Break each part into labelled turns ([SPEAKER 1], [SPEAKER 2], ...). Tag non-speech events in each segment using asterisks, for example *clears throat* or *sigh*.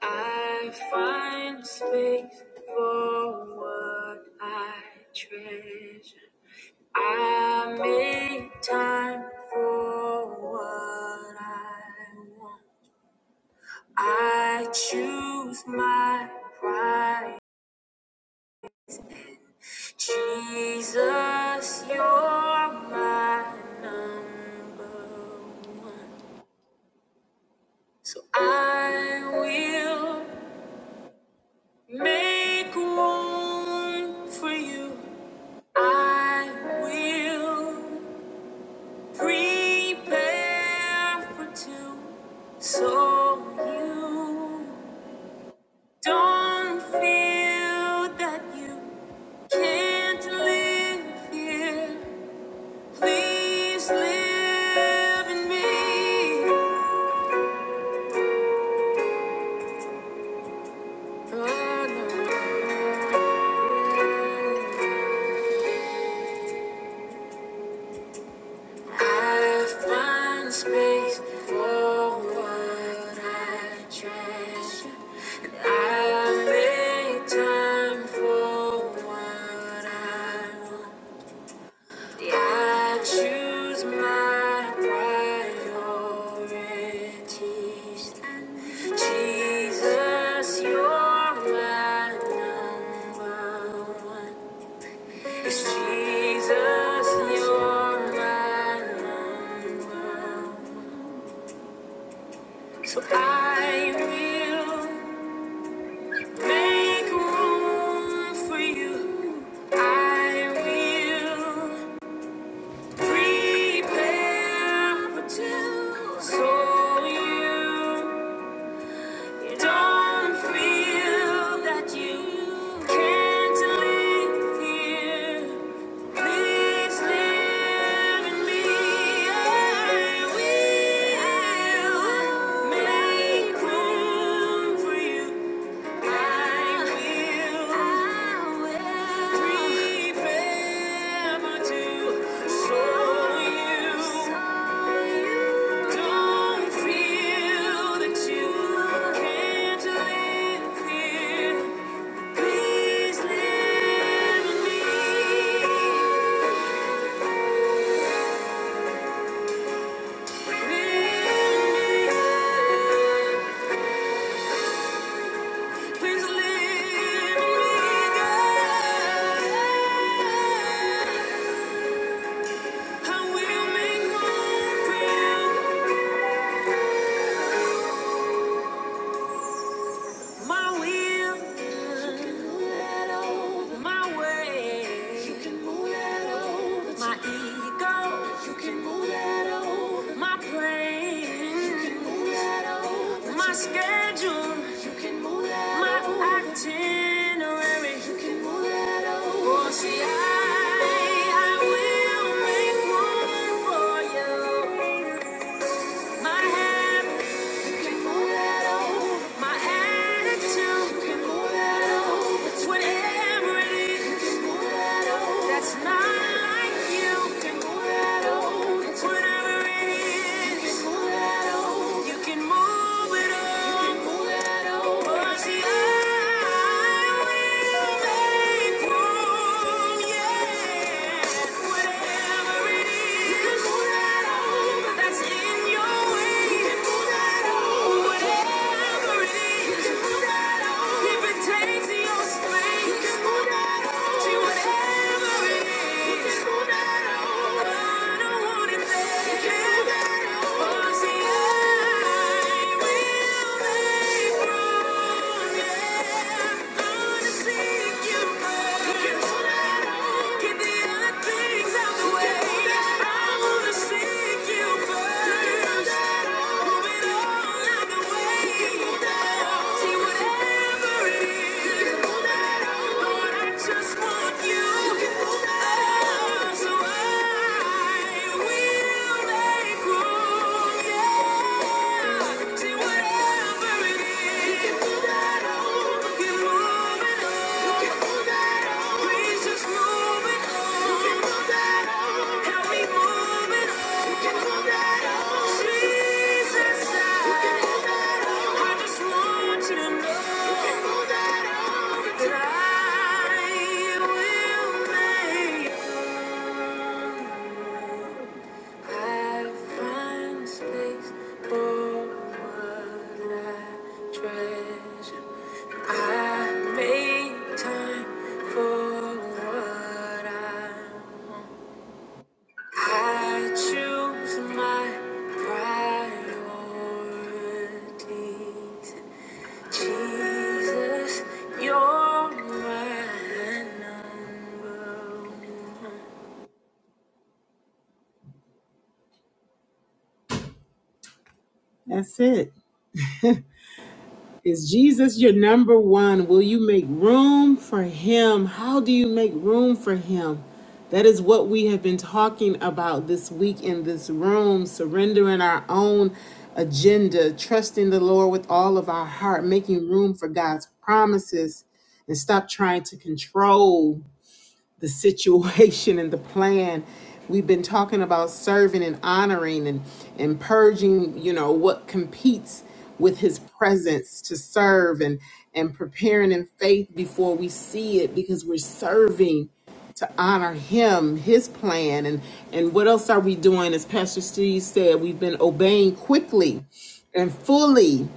[SPEAKER 1] I find space for what I treasure. I make time for what I want. I choose my pride. Jesus, you're my number one. So I will make room for you. I will prepare for two so you don't feel that you can't live here. Please live in me. For now. I find space for what I treasure. and I make time for what I want. Yeah, I choose my priorities. Jesus, you're my number one. It's Jesus, you're my number. So I will make room for you. I will prepare for two. So you Don't feel that you can't live here. Please live in me. I will make room for you. I will prepare to show you. Don't feel that you can't live here. Please live in me. Live in me. Please live in me, God. I will make room for you. My will. My way. My ego. My plans. My schedule. My itinerary. You can move that over. Oh, I, will make room for you. My happiness. My attitude, you can move that over. It's whatever it is. That's not like you. Can move that old. It's whatever it is. Can move that old. You can move it all. You can move that old. I will make room. Yeah. Whatever it is. You can move that old. That's in your way. You can move that old. Whatever it is. You can move that old. If it takes your strength. You can move that See whatever it is. Lord, I just want you. Oh, so I will make room, yeah. See, whatever it is, we're moving on. Please just move it on. Help me move it on. Jesus, I just want you to know. that will make I find space for what I treasure. I make time for what I I choose my priorities. Jesus, you're my number one. That's it. Is Jesus your number one? Will you make room for him? How do you make room for him? That is what we have been talking about this week in this room surrendering our own agenda, trusting the Lord with all of our heart, making room for God's promises, and stop trying to control the situation and the plan. We've been talking about serving and honoring and, and purging, you know, what competes with his presence to serve and, and preparing in faith before we see it because we're serving to honor him, his plan. And, and what else are we doing? As Pastor Steve said, we've been obeying quickly and fully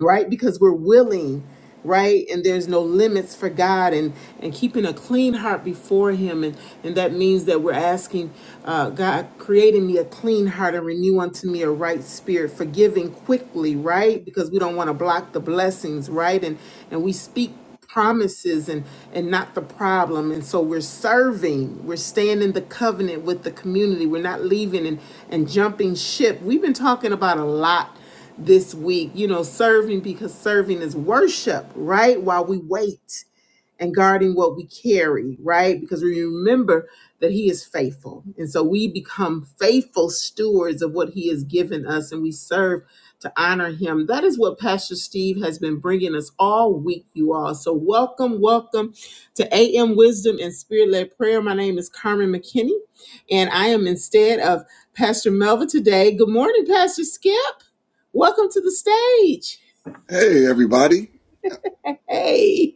[SPEAKER 1] right because we're willing right and there's no limits for god and and keeping a clean heart before him and and that means that we're asking uh god creating me a clean heart and renew unto me a right spirit forgiving quickly right because we don't want to block the blessings right and and we speak promises and and not the problem and so we're serving we're staying in the covenant with the community we're not leaving and and jumping ship we've been talking about a lot this week, you know, serving because serving is worship, right? While we wait and guarding what we carry, right? Because we remember that He is faithful. And so we become faithful stewards of what He has given us and we serve to honor Him. That is what Pastor Steve has been bringing us all week, you all. So welcome, welcome to AM Wisdom and Spirit Led Prayer. My name is Carmen McKinney, and I am instead of Pastor Melva today. Good morning, Pastor Skip. Welcome to the stage.
[SPEAKER 2] Hey, everybody.
[SPEAKER 1] Hey.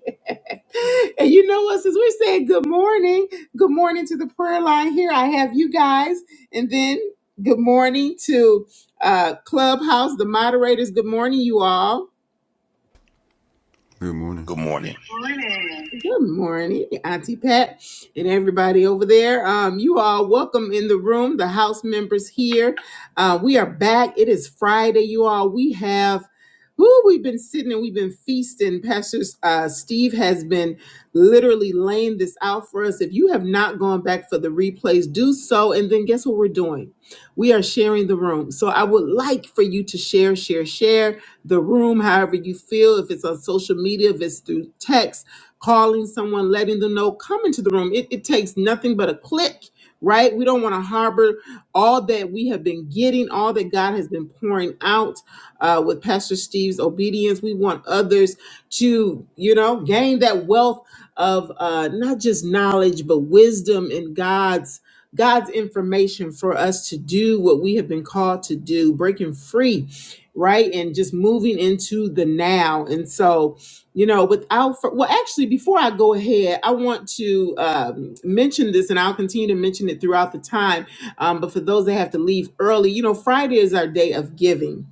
[SPEAKER 1] *laughs* and you know what? Since we're saying good morning, good morning to the prayer line here. I have you guys, and then good morning to uh, Clubhouse, the moderators. Good morning, you all.
[SPEAKER 3] Good morning.
[SPEAKER 4] Good morning.
[SPEAKER 1] Good morning, Auntie Pat, and everybody over there. Um, you all welcome in the room. The house members here. Uh, we are back. It is Friday, you all. We have. Who we've been sitting and we've been feasting. Pastor uh, Steve has been literally laying this out for us. If you have not gone back for the replays, do so. And then guess what we're doing? We are sharing the room. So I would like for you to share, share, share the room, however you feel. If it's on social media, if it's through text, calling someone, letting them know, come into the room. It, it takes nothing but a click, right? We don't want to harbor all that we have been getting, all that God has been pouring out uh, with Pastor Steve's obedience. We want others to, you know, gain that wealth of uh, not just knowledge, but wisdom and God's. God's information for us to do what we have been called to do, breaking free, right? And just moving into the now. And so, you know without fur- well actually before i go ahead i want to um, mention this and i'll continue to mention it throughout the time um, but for those that have to leave early you know friday is our day of giving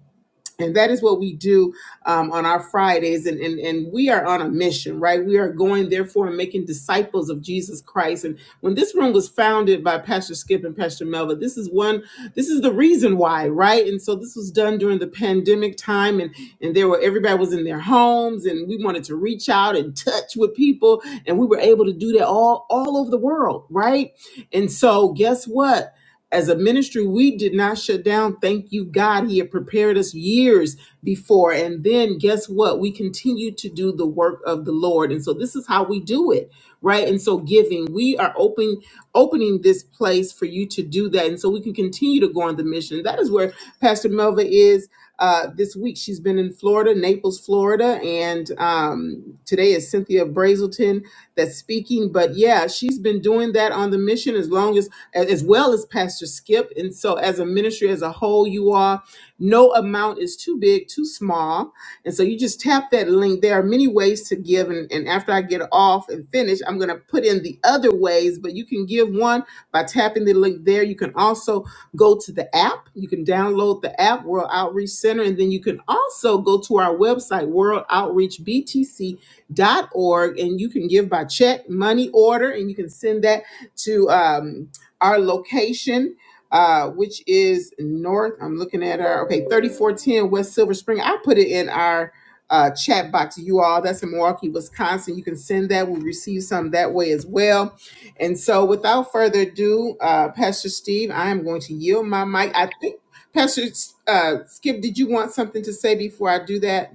[SPEAKER 1] and that is what we do um, on our Fridays. And, and, and we are on a mission, right? We are going, therefore, and making disciples of Jesus Christ. And when this room was founded by Pastor Skip and Pastor Melva, this is one, this is the reason why, right? And so this was done during the pandemic time. And, and there were, everybody was in their homes and we wanted to reach out and touch with people. And we were able to do that all, all over the world, right? And so guess what? As a ministry, we did not shut down. Thank you, God. He had prepared us years before. And then guess what? We continue to do the work of the Lord. And so this is how we do it, right? And so giving, we are open, opening this place for you to do that. And so we can continue to go on the mission. That is where Pastor Melva is uh, this week. She's been in Florida, Naples, Florida, and um, today is Cynthia Brazelton that's speaking. But yeah, she's been doing that on the mission as long as as well as Pastor Skip. And so, as a ministry as a whole, you are no amount is too big, too small. And so, you just tap that link. There are many ways to give. And, and after I get off and finish, I'm going to put in the other ways, but you can give one by tapping the link there. You can also go to the app. You can download the app, World Outreach Center, and then you can also go to our website, worldoutreachbtc.org, and you can give by check, money order, and you can send that to um, our location. Uh, which is north. I'm looking at our okay, 3410 West Silver Spring. I put it in our uh, chat box. You all, that's in Milwaukee, Wisconsin. You can send that. We receive some that way as well and so, without further ado, uh, Pastor Steve, I am going to yield my mic. I think, Pastor uh, Skip, did you want something to say before I do that?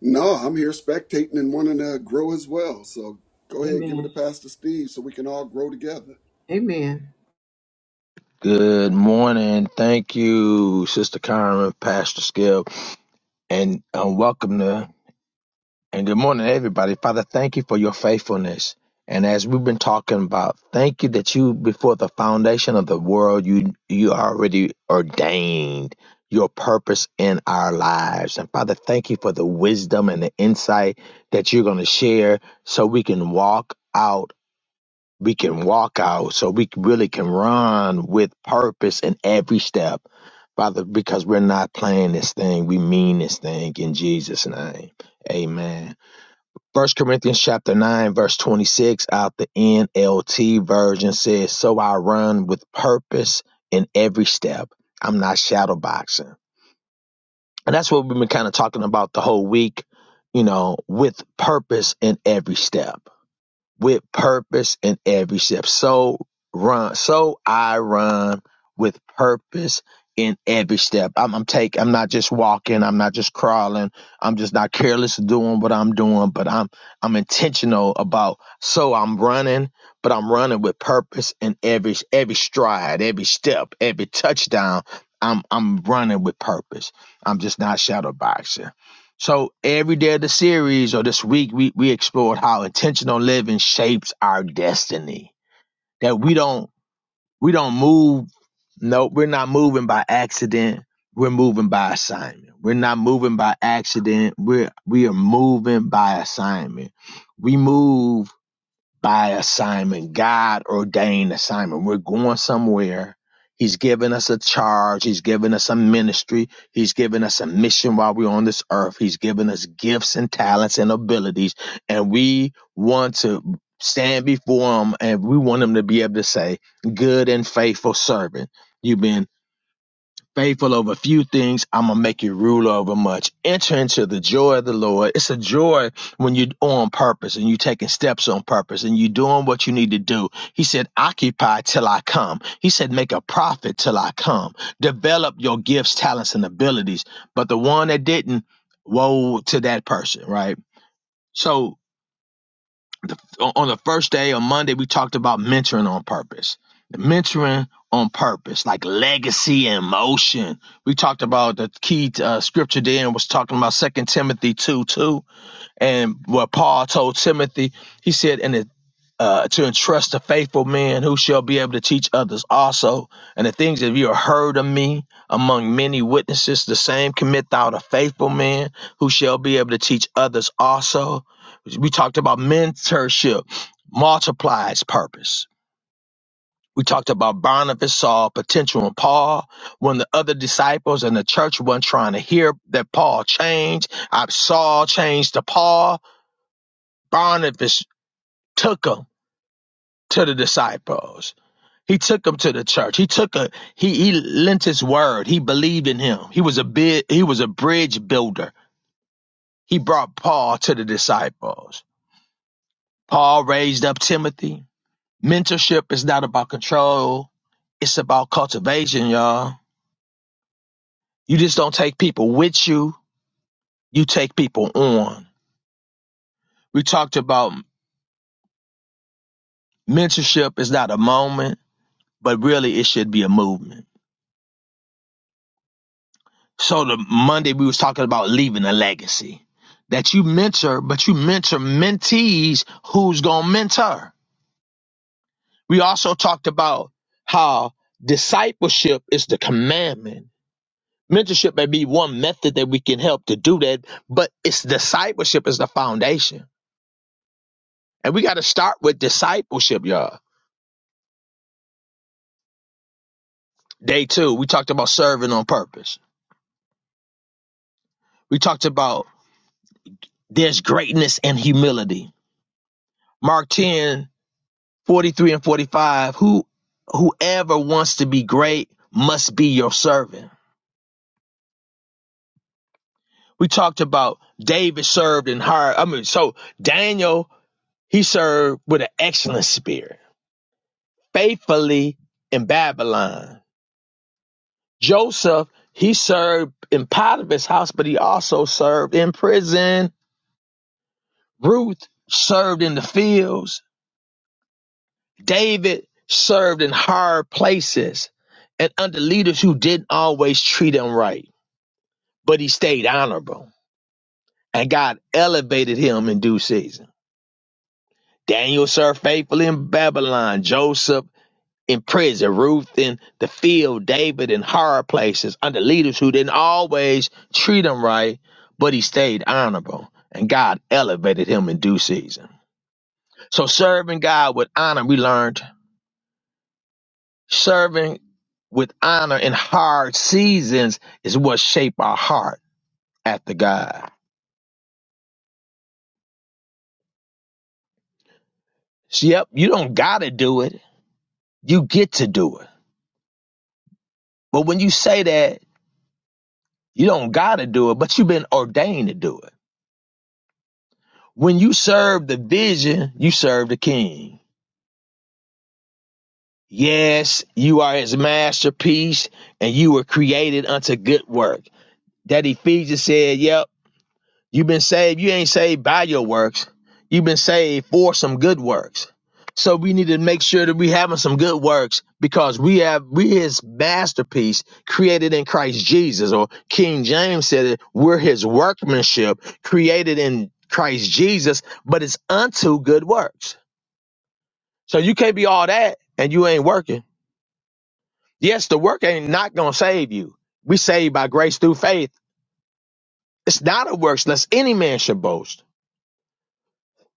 [SPEAKER 2] No, I'm here spectating and wanting to grow as well. So go ahead, give it to
[SPEAKER 1] Amen.
[SPEAKER 2] Pastor Steve so we can all grow together.
[SPEAKER 1] Amen.
[SPEAKER 5] Good morning. Thank you, Sister Karen, Pastor Skip, and um, welcome to and good morning, everybody. Father, thank you for your faithfulness. And as we've been talking about, thank you that you, before the foundation of the world, you you already ordained your purpose in our lives. And Father, thank you for the wisdom and the insight that you're going to share, so we can walk out we can walk out so we really can run with purpose in every step father because we're not playing this thing we mean this thing in jesus name amen first corinthians chapter 9 verse 26 out the nlt version says so i run with purpose in every step i'm not shadow boxing and that's what we've been kind of talking about the whole week you know with purpose in every step with purpose in every step. So run, so I run with purpose in every step. I'm, I'm take, I'm not just walking. I'm not just crawling. I'm just not careless doing what I'm doing, but I'm, I'm intentional about, so I'm running, but I'm running with purpose in every, every stride, every step, every touchdown. I'm, I'm running with purpose. I'm just not shadow boxing. So every day of the series or this week, we we explored how intentional living shapes our destiny. That we don't we don't move. No, we're not moving by accident. We're moving by assignment. We're not moving by accident. We're we are moving by assignment. We move by assignment, God ordained assignment. We're going somewhere. He's given us a charge. He's given us a ministry. He's given us a mission while we're on this earth. He's given us gifts and talents and abilities. And we want to stand before Him and we want Him to be able to say, Good and faithful servant. You've been faithful over few things, I'm gonna make you rule over much. Enter into the joy of the Lord. It's a joy when you're on purpose and you're taking steps on purpose and you're doing what you need to do. He said, occupy till I come. He said, make a profit till I come. Develop your gifts, talents, and abilities. But the one that didn't, woe to that person, right? So on on the first day on Monday, we talked about mentoring on purpose. Mentoring on purpose, like legacy and motion. We talked about the key uh, scripture there and was talking about Second Timothy 2 2. And what Paul told Timothy, he said, and uh, to entrust to faithful men who shall be able to teach others also. And the things that you have heard of me among many witnesses, the same commit thou to faithful men who shall be able to teach others also. We talked about mentorship, multiplies purpose. We talked about Barnabas, Saul, potential, and Paul. When the other disciples and the church weren't trying to hear that Paul changed, I Saul changed to Paul. Barnabas took him to the disciples He took him to the church. He took a he he lent his word. He believed in him. He was a bid he was a bridge builder. He brought Paul to the disciples. Paul raised up Timothy. Mentorship is not about control. It's about cultivation, y'all. You just don't take people with you. You take people on. We talked about mentorship is not a moment, but really it should be a movement. So the Monday we was talking about leaving a legacy that you mentor, but you mentor mentees who's gonna mentor. We also talked about how discipleship is the commandment. Mentorship may be one method that we can help to do that, but it's discipleship is the foundation. And we got to start with discipleship, y'all. Day two, we talked about serving on purpose. We talked about there's greatness in humility. Mark 10 43 and 45 who whoever wants to be great must be your servant we talked about david served and hired i mean so daniel he served with an excellent spirit faithfully in babylon joseph he served in potiphar's house but he also served in prison ruth served in the fields david served in hard places and under leaders who didn't always treat him right but he stayed honorable. And God elevated him in due season. Daniel served faithfully in Babylon, Joseph in prison, Ruth in the field, David in hard places under leaders who didn't always treat him right, but he stayed honorable. And God elevated him in due season. So serving God with honor, we learned serving with honor in hard seasons is what shape our heart after God. So, yep, you don't gotta do it You get to do it. But when you say that, you don't got to do it, but you've been ordained to do it. When you serve the vision, you serve the king. Yes, you are his masterpiece and you were created unto good work. That Ephesians said, yep, You've been saved. You ain't saved by your works. You've been saved for some good works. So we need to make sure that we having some good works because we have we his masterpiece created in Christ Jesus. Or King James said it, we're his workmanship created in Christ Jesus, but it's unto good works. So you can't be all that and you ain't working. Yes, the work ain't not gonna save you. We saved by grace through faith. It's not a works lest any man should boast.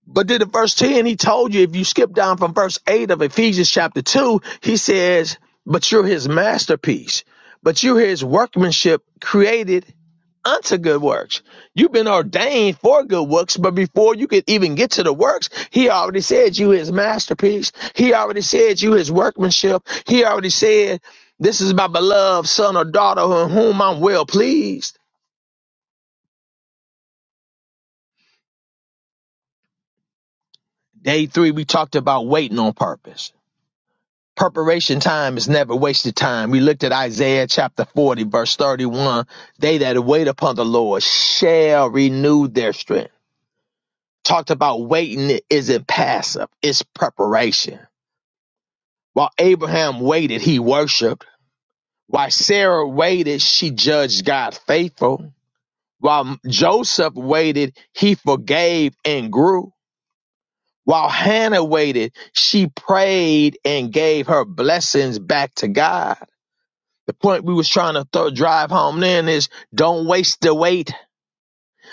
[SPEAKER 5] But then in verse 10, he told you, if you skip down from verse 8 of Ephesians chapter 2, he says, But you're his masterpiece, but you're his workmanship created unto good works. You've been ordained for good works, but before you could even get to the works, he already said you his masterpiece. He already said you his workmanship. He already said, This is my beloved son or daughter in whom I'm well pleased. Day three, we talked about waiting on purpose Preparation time is never wasted time. We looked at Isaiah chapter 40, verse 31. They that wait upon the Lord shall renew their strength. Talked about waiting it isn't passive, it's preparation. While Abraham waited, he worshiped. While Sarah waited, she judged God faithful. While Joseph waited, he forgave and grew. While Hannah waited, she prayed and gave her blessings back to God The point we was trying to throw, drive home then is don't waste the weight.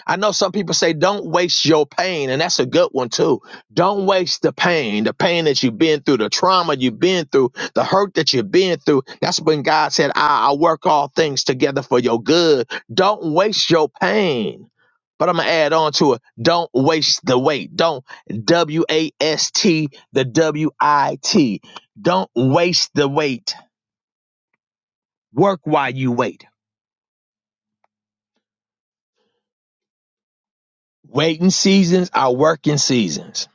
[SPEAKER 5] I know some people say don't waste your pain, and that's a good one too. Don't waste the pain, the pain that you've been through, the trauma you've been through, the hurt that you've been through. That's when God said, I, I work all things together for your good. Don't waste your pain. But I'm gonna add on to it. Don't waste the weight. Don't W A S T the W I T. Don't waste the weight. Work while you wait. Waiting seasons are working seasons.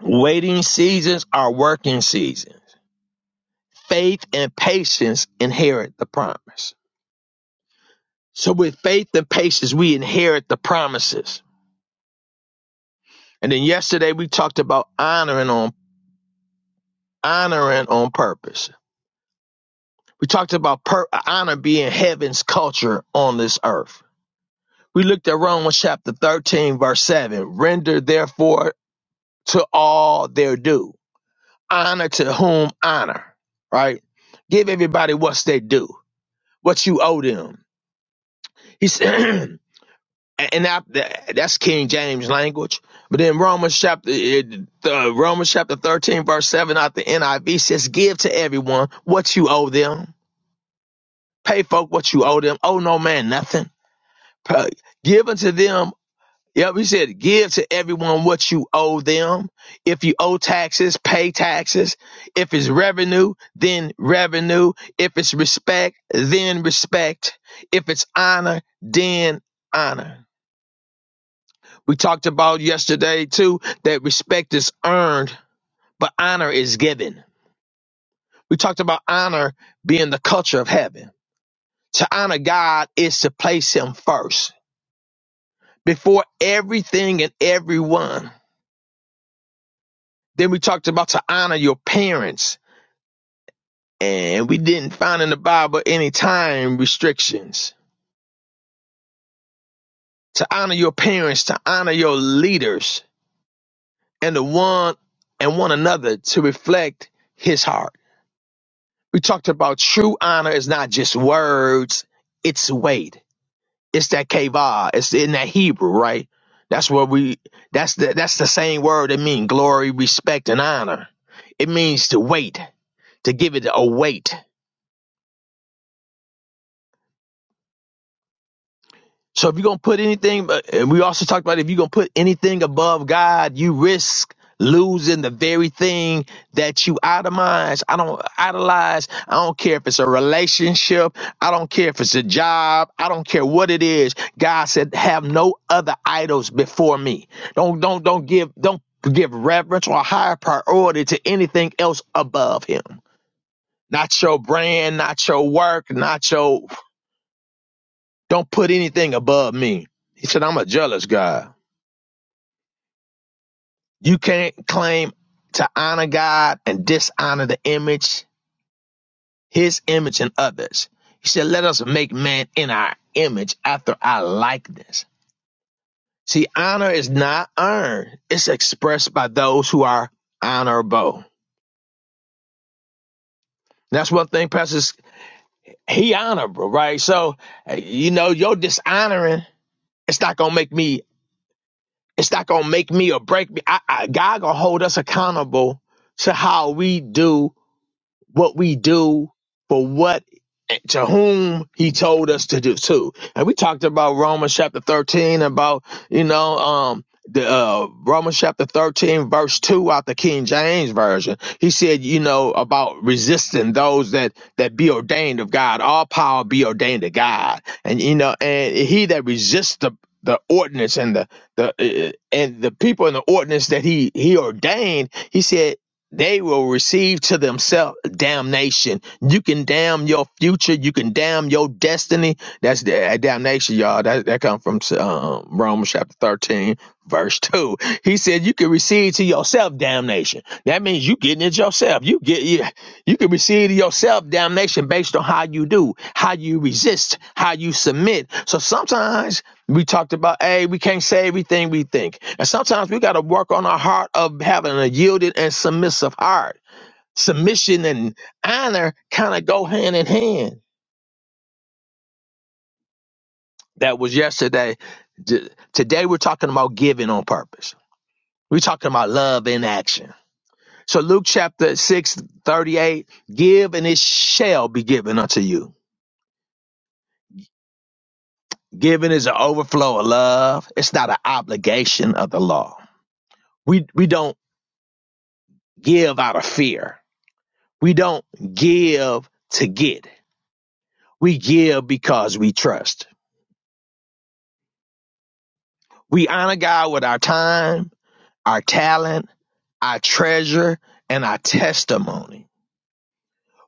[SPEAKER 5] Waiting seasons are working seasons. Faith and patience inherit the promise. So, with faith and patience, we inherit the promises. And then yesterday we talked about honoring on honoring on purpose. We talked about per- honor being heaven's culture on this earth. We looked at Romans chapter 13, verse 7. Render therefore to all their due. honor to whom honor, right? Give everybody what's they due, what you owe them. He said, *clears throat* and that, that's King James language. But then Romans chapter it- the Romans chapter thirteen verse seven out the NIV says, "Give to everyone what you owe them. Pay folk what you owe them. Owe no man nothing. Pay- Give unto them Yep, he said, give to everyone what you owe them. If you owe taxes, pay taxes. If it's revenue, then revenue. If it's respect, then respect. If it's honor, then honor. We talked about yesterday too that respect is earned, but honor is given. We talked about honor being the culture of heaven. To honor God is to place him first before everything and everyone. Then we talked about to honor your parents. And we didn't find in the Bible any time restrictions. To honor your parents, to honor your leaders and the one and one another to reflect his heart. We talked about true honor is not just words, it's weight. It's that kavah. It's in that Hebrew, right? That's what we that's the that's the same word that means glory, respect, and honor. It means to weight, to give it a weight So if you're gonna put anything, uh, and we also talked about if you're gonna put anything above God, you risk losing the very thing that you itemize. I don't idolize. I don't care if it's a relationship. I don't care if it's a job. I don't care what it is. God said, "Have no other idols before me." Don't don't don't give don't give reverence or higher priority to anything else above Him. Not your brand, not your work, not your don't put anything above me. He said, I'm a jealous God. You can't claim to honor God and dishonor the image, his image and others. He said, let us make man in our image after our likeness. See, honor is not earned. It's expressed by those who are honorable. That's one thing, Pastor, he honorable, right? So, eh, you know, your dishonoring, it's not going to make me It's not gonna make me or break me. I, I, God gonna hold us accountable to how we do what we do for what to whom he told us to do too. And we talked about Romans chapter 13 about, you know, um the uh Romans chapter 13 verse 2 out the King James version. He said, you know, about resisting those that that be ordained of God. All power be ordained to God. And you know, and he that resists the the ordinance and the the uh, and the people in the ordinance that he he ordained, he said they will receive to themselves damnation. You can damn your future. You can damn your destiny. That's the uh, damnation, y'all. That that comes from um, Romans chapter thirteen, verse *laughs* two. He said you can receive to yourself damnation. That means you getting it yourself. You get you, you can receive to yourself damnation based on how you do, how you resist, how you submit. So sometimes we talked about, hey, we can't say everything we think. And sometimes we got to work on our heart of having a yielded and submissive heart. Submission and honor kind of go hand in hand. That was yesterday. J- Today we're talking about giving on purpose. We're talking about love in action. So Luke chapter 6 38: give and it shall be given unto you. Giving is an overflow of love. It's not an obligation of the law. We, we don't give out of fear We don't give to get. We give because we trust. We honor God with our time, our talent, our treasure, and our testimony.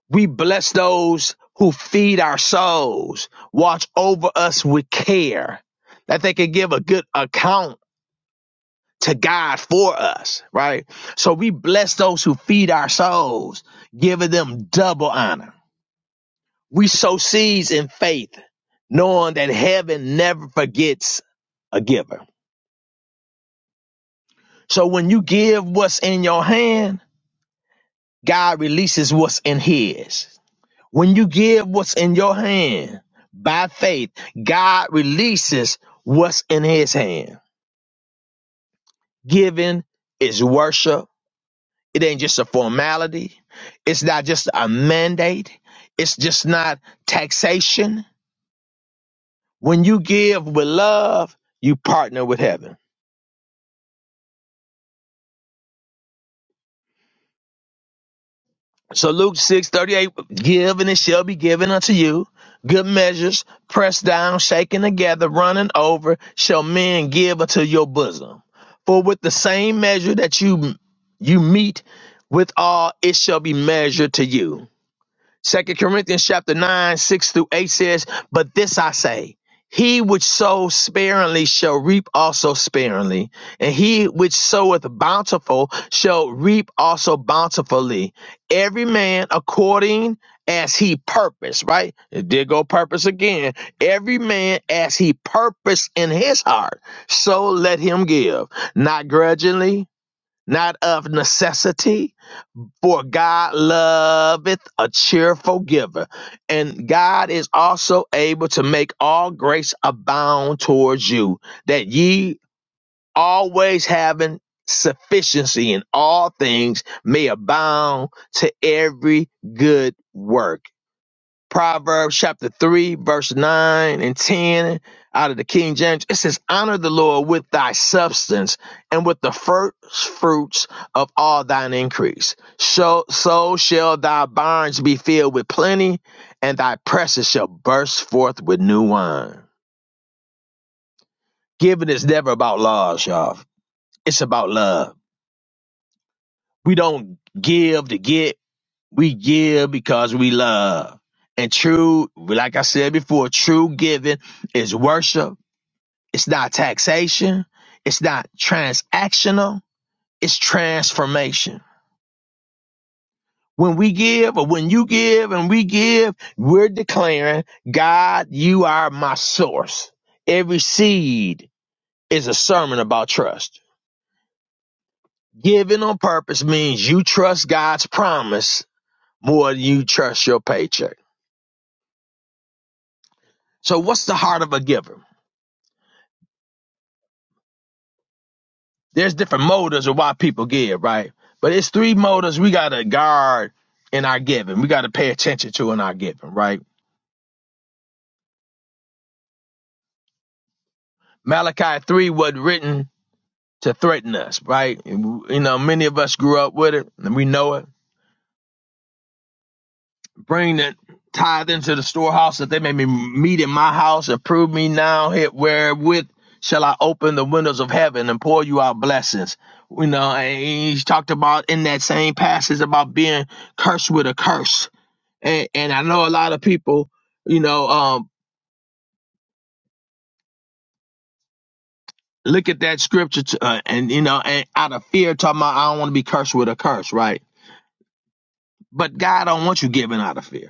[SPEAKER 5] We bless those who feed our souls, watch over us with care, that they can give a good account to God for us, right? So we bless those who feed our souls, giving them double honor. We sow seeds in faith, knowing that heaven never forgets a giver. So when you give what's in your hand, God releases what's in his. When you give what's in your hand by faith, God releases what's in his hand. Giving is worship. It ain't just a formality. It's not just a mandate. It's just not taxation. When you give with love, you partner with heaven. So Luke six thirty eight, give and it shall be given unto you. Good measures, pressed down, shaken together, running over, shall men give unto your bosom. For with the same measure that you you meet with all, it shall be measured to you. Second Corinthians chapter 9, 6 through 8 says, But this I say, he which sows sparingly shall reap also sparingly, and he which soweth bountiful shall reap also bountifully. Every man according as he purposed, right? It did go purpose again. Every man as he purposed in his heart, so let him give, not grudgingly, not of necessity for God loveth a cheerful giver, and God is also able to make all grace abound towards you, that ye always having sufficiency in all things may abound to every good work. Proverbs chapter 3, verse 9 and 10 out of the King James. It says, Honor the Lord with thy substance and with the first fruits of all thine increase. So, so shall thy barns be filled with plenty, and thy presses shall burst forth with new wine. Giving is never about laws, y'all. It's about love. We don't give to get, We give because we love. And true, like I said before, true giving is worship. It's not taxation. It's not transactional. It's transformation. When we give or when you give and we give, we're declaring, God, you are my source. Every seed is a sermon about trust. Giving on purpose means you trust God's promise more than you trust your paycheck. So what's the heart of a giver? there's different motives of why people give, right? But it's three motives we gotta guard in our giving. We gotta pay attention to in our giving, right? Malachi three was written to threaten us, right? And, You know, many of us grew up with it, and we know it. Bring the tithe into the storehouse that they may be meet in my house. and prove me now here wherewith shall I open the windows of heaven and pour you out blessings. You know, and he's talked about in that same passage about being cursed with a curse and, and I know a lot of people, you know, um, look at that scripture to, uh, and you know, and out of fear, talking about I don't want to be cursed with a curse, right? But God don't want you giving out of fear.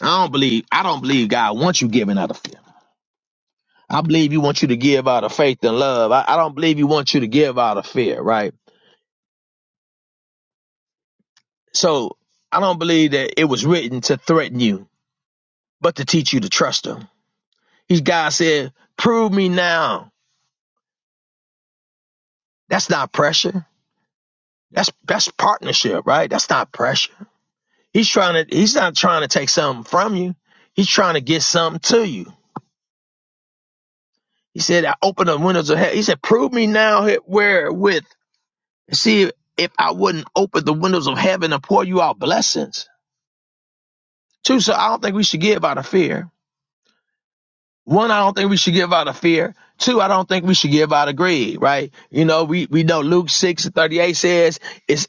[SPEAKER 5] I don't believe. I don't believe God wants you giving out of fear. I believe He wants you to give out of faith and love. I, I don't believe He wants you to give out of fear, right? So I don't believe that it was written to threaten you, but to teach you to trust Him. He's God said, "Prove me now." That's not pressure. That's that's partnership, right? That's not pressure He's trying to, he's not trying to take something from you. He's trying to get something to you. He said, I open the windows of heaven. He said, prove me now where with. See if, if I wouldn't open the windows of heaven and pour you out blessings. Two, so I don't think we should give out of fear. One, I don't think we should give out of fear. Two, I don't think we should give out of greed, right? You know, we, we know Luke 6 and 38 says, it's,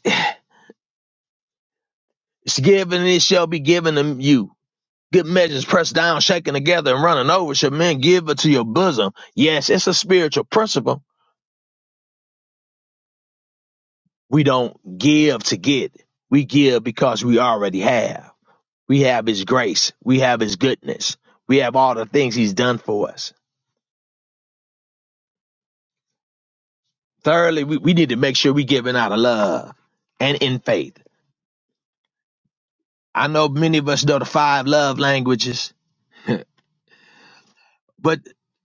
[SPEAKER 5] *sighs* it's given and it shall be given to you. Good measures pressed down, shaken together, and running over shall men give it to your bosom. Yes, it's a spiritual principle. We don't give to get. We give because we already have. We have his grace. We have his goodness. We have all the things he's done for us. Thirdly, we, we need to make sure we are giving out of love and in faith. I know many of us know the five love languages, but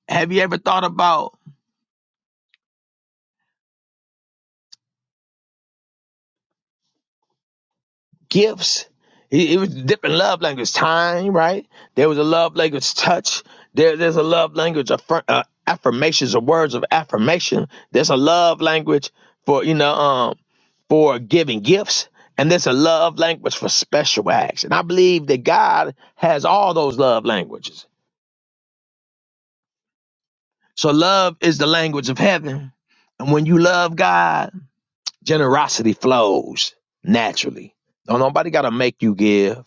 [SPEAKER 5] have you ever thought about gifts. He, he was different love language. Time, right? There was a love language touch. There, there's a love language of fir- uh, affirmations or words of affirmation. There's a love language for you know um for giving gifts, and there's a love language for special acts. And I believe that God has all those love languages. So love is the language of heaven, and when you love God. Generosity flows naturally. Don't nobody gotta make you give.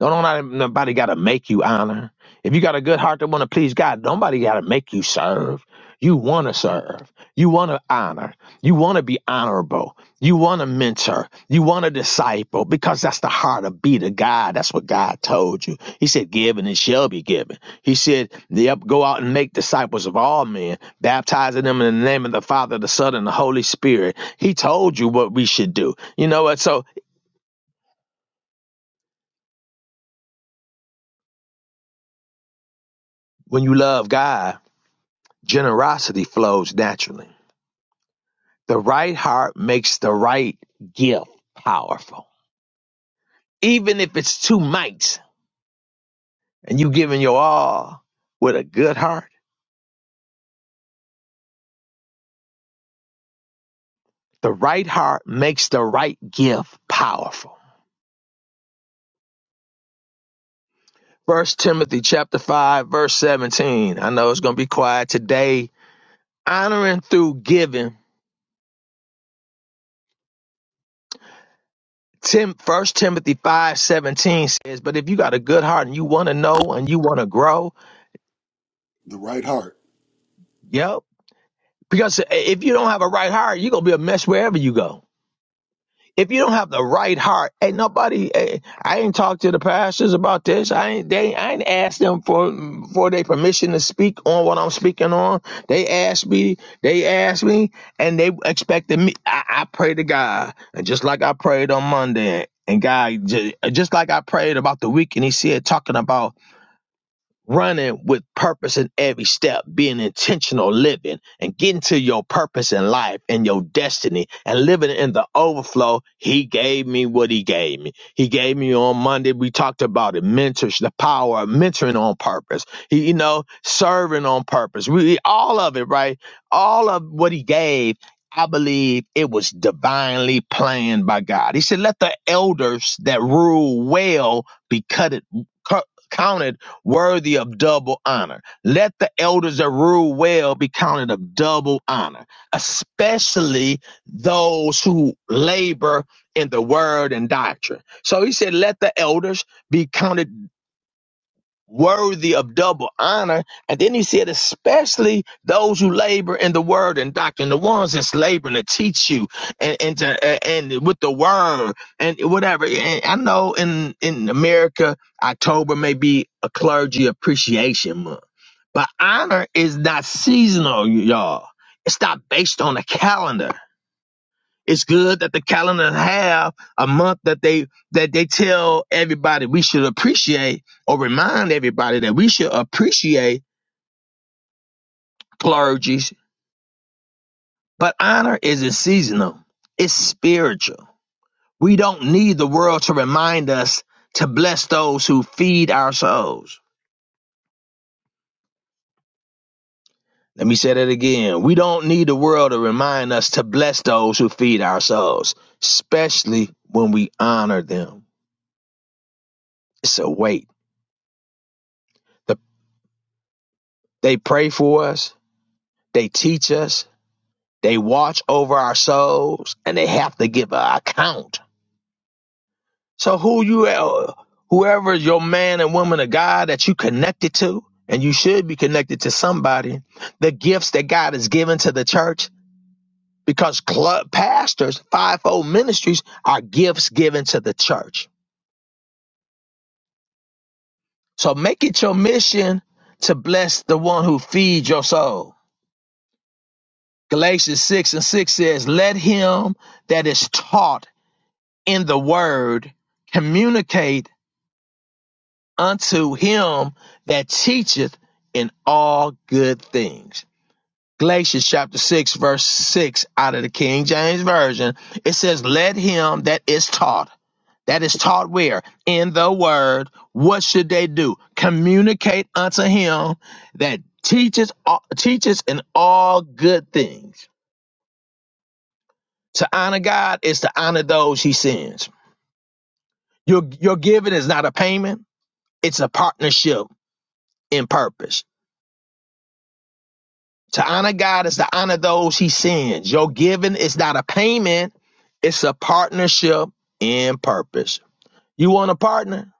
[SPEAKER 5] Don't nobody, nobody gotta make you honor. If you got a good heart that wanna please God, nobody gotta make you serve. You wanna serve. You want to honor. You want to be honorable. You want to mentor. You want to disciple because that's the heart of be to God. That's what God told you. He said, Give and it shall be given. He said, Yep, go out and make disciples of all men, baptizing them in the name of the Father, the Son, and the Holy Spirit. He told you what we should do. You know what? So when you love God, generosity flows naturally. The right heart makes the right gift powerful. Even if it's two mites, and you giving your all with a good heart, the right heart makes the right gift powerful. First Timothy chapter five, verse 17. I know it's gonna be quiet today. Honoring through giving. Tim first Timothy five seventeen says, but if you got a good heart and you wanna know and you wanna grow,
[SPEAKER 2] The right heart.
[SPEAKER 5] yep. Because if you don't have a right heart, you're gonna be a mess wherever you go. If you don't have the right heart, ain't nobody. eh, I ain't talked to the pastors about this. I ain't. They. I ain't asked them for for their permission to speak on what I'm speaking on. They asked me. They asked me, and they expected me. I, I pray to God, and just like I prayed on Monday, and God, ju- just like I prayed about the week, and He said talking about running with purpose in every step, being intentional living and getting to your purpose in life and your destiny and living in the overflow. He gave me what he gave me. He gave me on Monday. We talked about it. Mentors, the power of mentoring on purpose. He, you know, serving on purpose. We all of it, right? All of what he gave. I believe it was divinely planned by God. He said, let the elders that rule well be cut, it, cut, counted worthy of double honor. Let the elders that rule well be counted of double honor, especially those who labor in the word and doctrine. So he said, let the elders be counted worthy of double honor. And then he said, especially those who labor in the word and doctrine, the ones that's laboring to teach you and, and to and with the word and whatever. And I know in in America, October may be a clergy appreciation month, but honor is not seasonal, y'all. It's not based on a calendar. It's good that the calendar have a month that they that they tell everybody we should appreciate or remind everybody that we should appreciate clergy. But honor isn't seasonal. It's spiritual. We don't need the world to remind us to bless those who feed our souls. Let me say that again. We don't need the world to remind us to bless those who feed our souls, especially when we honor them. It's a weight. The, they pray for us They teach us, they watch over our souls, and they have to give an account. So who you, uh, whoever your man and woman of God that you connected to, and you should be connected to somebody, the gifts that God has given to the church, because club pastors, fivefold ministries are gifts given to the church. So make it your mission to bless the one who feeds your soul. Galatians 6 and 6 says, Let him that is taught in the word communicate unto him that teacheth in all good things. Galatians chapter 6, verse 6 out of the King James Version, it says, Let him that is taught, that is taught where? In the word, what should they do? Communicate unto him that teaches teaches in all good things. To honor God is to honor those he sends. Your your giving is not a payment. It's a partnership in purpose. To honor God is to honor those he sends. Your giving is not a payment, it's a partnership in purpose. You want a partner?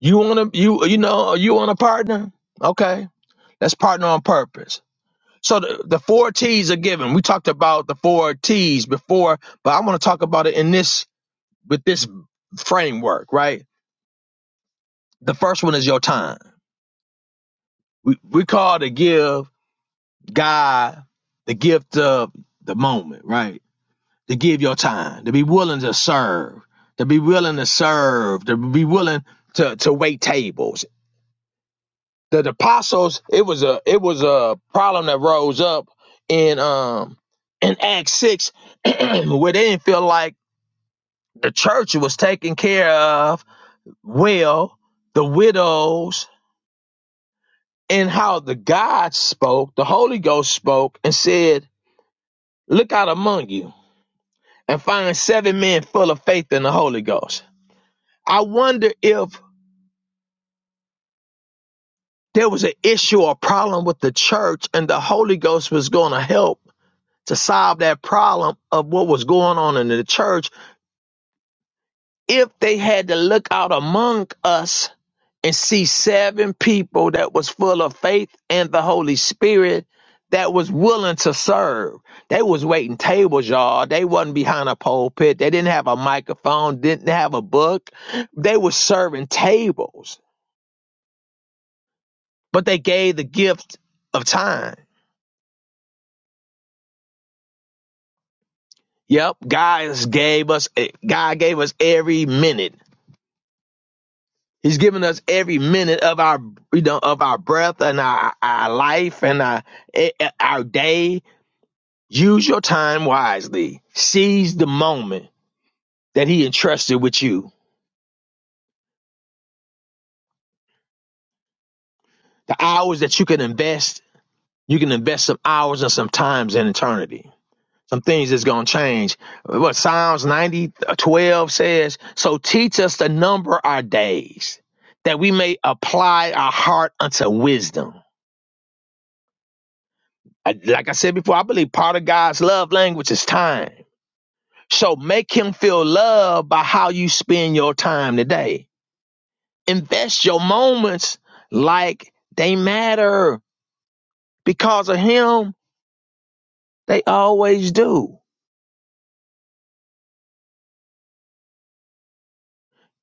[SPEAKER 5] You want to you you know you want a partner? Okay. Let's partner on purpose. So the, the four T's are given. We talked about the four T's before, but I want to talk about it in this with this framework, right? The first one is your time. We we call to give God the gift of the moment, right? To give your time, to be willing to serve, to be willing to serve, to be willing to, to wait tables. The, the apostles, it was a it was a problem that rose up in um in Acts six *clears throat* where they didn't feel like the church was taken care of well the widows and how the God spoke, the Holy Ghost spoke and said, Look out among you. and find seven men full of faith in the Holy Ghost. I wonder if there was an issue or problem with the church and the Holy Ghost was going to help to solve that problem of what was going on in the church if they had to look out among us and see seven people that was full of faith and the Holy Spirit that was willing to serve. They was waiting tables, y'all. They wasn't behind a pulpit. They didn't have a microphone, didn't have a book. They was serving tables, but they gave the gift of time. Yep, God gave us eh, God gave us every minute. He's given us every minute of our, you know, of our breath and our, our life and our, eh, eh, our day. Use your time wisely. Seize the moment that he entrusted with you. The hours that you can invest, you can invest some hours and some times in eternity. Some things that's going to change. What Psalms 90, uh, 12 says, so teach us to number our days that we may apply our heart unto wisdom. I, like I said before, I believe part of God's love language is time. So make him feel loved by how you spend your time today. Invest your moments like they matter. Because of him, they always do.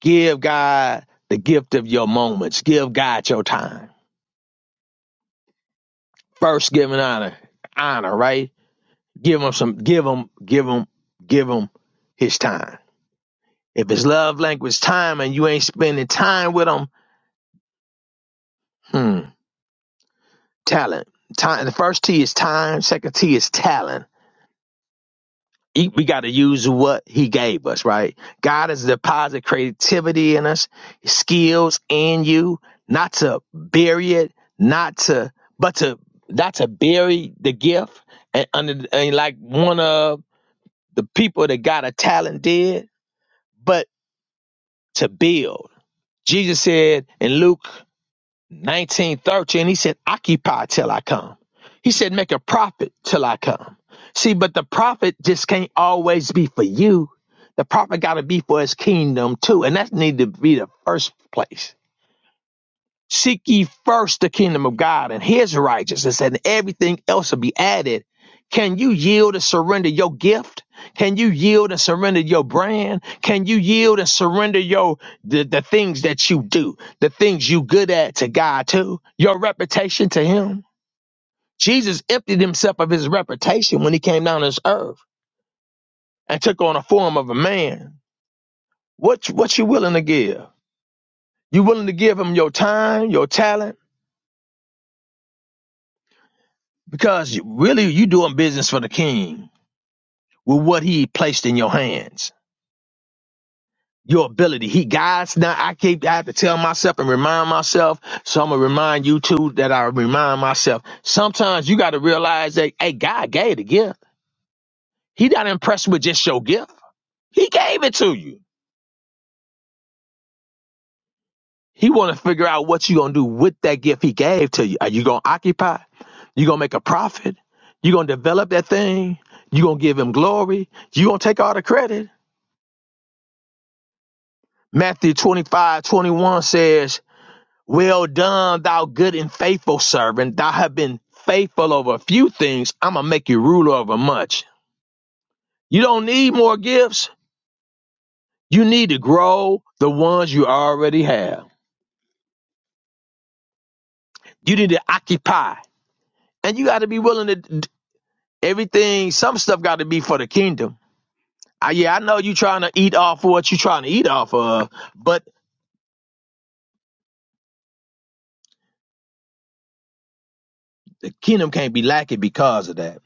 [SPEAKER 5] Give God the gift of your moments. Give God your time. First give Him honor, honor, right? Give him some, give him, give him, give him his time. If his love language is time and you ain't spending time with him, hmm. talent. Time. The first T is time. Second T is talent. E- We got to use what He gave us, right? God has deposited creativity in us, skills in you, not to bury it, not to, but to not to bury the gift. And under and like one of the people that got a talent did, but to build. Jesus said in Luke. 1913, he said, occupy till I come. He said, make a profit till I come. See, but the profit just can't always be for you. The profit got to be for his kingdom too. And that need to be the first place. Seek ye first the kingdom of God and his righteousness, and everything else will be added. Can you yield and surrender your gift? Can you yield and surrender your brand? Can you yield and surrender your the, the things that you do, the things you good at to God too, your reputation to him? Jesus emptied himself of his reputation when he came down to this earth and took on a form of a man. What what you willing to give? You willing to give him your time, your talent? Because you- really, you doing business for the king with what he placed in your hands. Your ability. He guides now. I keep I have to tell myself and remind myself. So I'm gonna remind you too that I remind myself. Sometimes you gotta realize that hey, God gave the gift. He not impressed with just your gift. He gave it to you. He wanna figure out what you gonna do with that gift he gave to you. Are you gonna occupy? You gonna make a profit? You gonna develop that thing? You gonna give him glory? You gonna take all the credit? Matthew 25 21 says, Well done, thou good and faithful servant. Thou have been faithful over a few things. I'm going to make you ruler over much. You don't need more gifts. You need to grow the ones you already have. You need to occupy. And you got to be willing to d- everything. Some stuff got to be for the kingdom. I, yeah, I know you trying to eat off of what you trying to eat off of, but the kingdom can't be lacking because of that.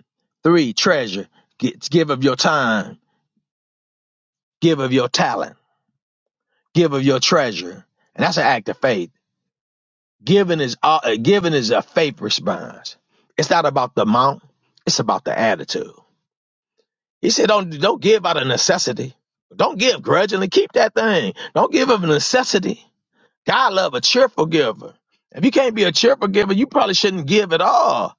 [SPEAKER 5] Three, treasure. Get, give of your time. Give of your talent. Give of your treasure. And that's an act of faith. Giving is uh, uh, giving is a faith response. It's not about the amount. It's about the attitude. He said, "Don't don't give out of necessity. Don't give grudgingly. Keep that thing. Don't give of necessity. God love a cheerful giver. If you can't be a cheerful giver, you probably shouldn't give at all.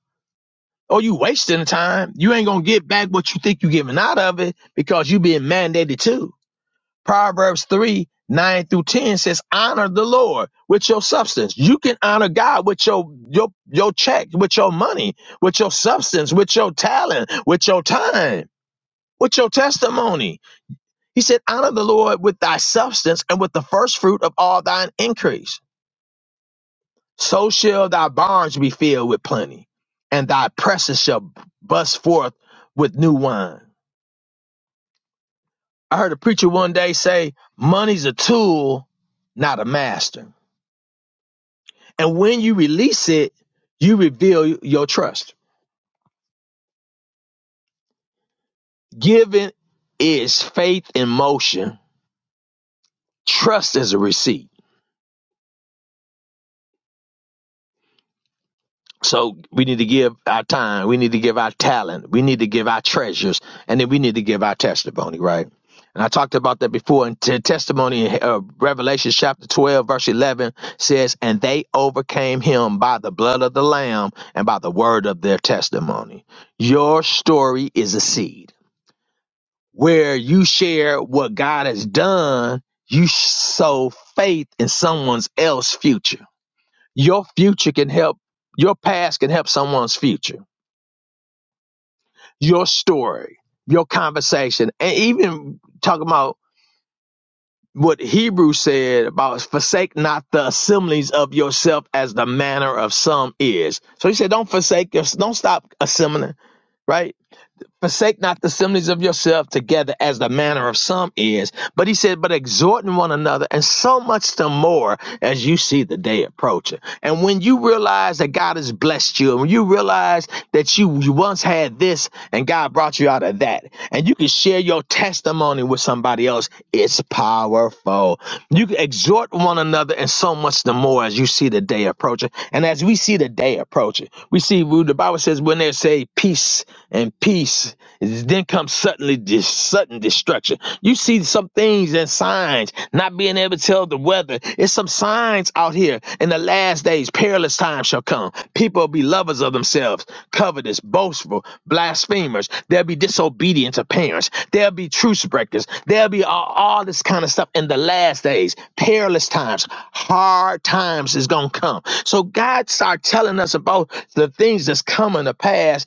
[SPEAKER 5] Or you wasting time. You ain't gonna get back what you think you are giving out of it because you being mandated to. Proverbs 3 9 through 10 says, Honor the Lord with your substance. You can honor God with your, your, your check, with your money, with your substance, with your talent, with your time, with your testimony. He said, Honor the Lord with thy substance and with the first fruit of all thine increase. So shall thy barns be filled with plenty, and thy presses shall bust forth with new wine. I heard a preacher one day say, Money's a tool, not a master. And when you release it, you reveal your trust. Giving is faith in motion. Trust is a receipt. So we need to give our time. We need to give our talent. We need to give our treasures. And then we need to give our testimony, right? And I talked about that before. And t- testimony in uh, Revelation chapter 12, verse 11 says, And they overcame him by the blood of the Lamb and by the word of their testimony. Your story is a seed. where you share what God has done, you sow faith in someone else's future. Your future can help, your past can help someone's future. Your story, your conversation, and even talking about what Hebrew said about forsake not the assemblies of yourself as the manner of some is. So he said, don't forsake, don't stop assembling, right? Forsake not the assemblies of yourself together as the manner of some is. But he said, but exhorting one another, and so much the more as you see the day approaching. And when you realize that God has blessed you, and when you realize that you, you once had this and God brought you out of that, and you can share your testimony with somebody else, it's powerful. You can exhort one another, and so much the more as you see the day approaching. And as we see the day approaching, approach it. We see who the Bible says when they say peace and peace, then comes suddenly this sudden destruction. You see some things and signs, not being able to tell the weather. It's some signs out here. In the last days, perilous times shall come. People will be lovers of themselves, covetous, boastful, blasphemers. They'll be disobedient to parents. They'll be truce breakers. There'll be all, all this kind of stuff in the last days, perilous times Hard times is gonna come. So God start telling us about the things that's coming to pass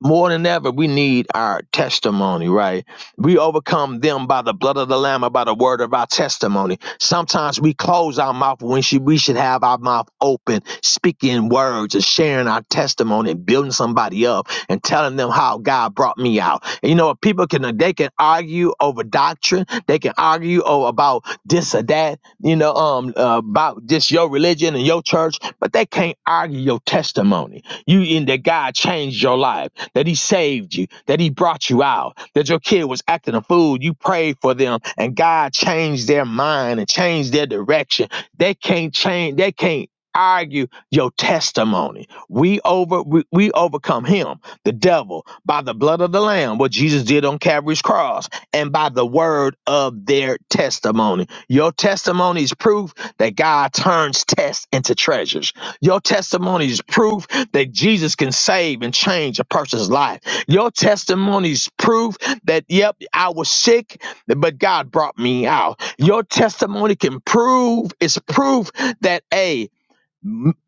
[SPEAKER 5] more than ever, we need our testimony, right? We overcome them by the blood of the Lamb and by the word of our testimony. Sometimes we close our mouth when should- we should have our mouth open, speaking words and sharing our testimony and building somebody up and telling them how God brought me out. And you know what? People can, they can argue over doctrine. They can argue over about this or that, you know, um, uh, about just your religion and your church, but they can't argue your testimony you in that God changed your life that he saved you, that he brought you out, that your kid was acting a fool. You prayed for them and God changed their mind and changed their direction. They can't change, they can't argue your testimony. We over we, we overcome him, the devil, by the blood of the lamb, what Jesus did on Calvary's cross, and by the word of their testimony. Your testimony is proof that God turns tests into treasures. Your testimony is proof that Jesus can save and change a person's life. Your testimony is proof that, yep, I was sick, but God brought me out. Your testimony can prove, it's proof that, a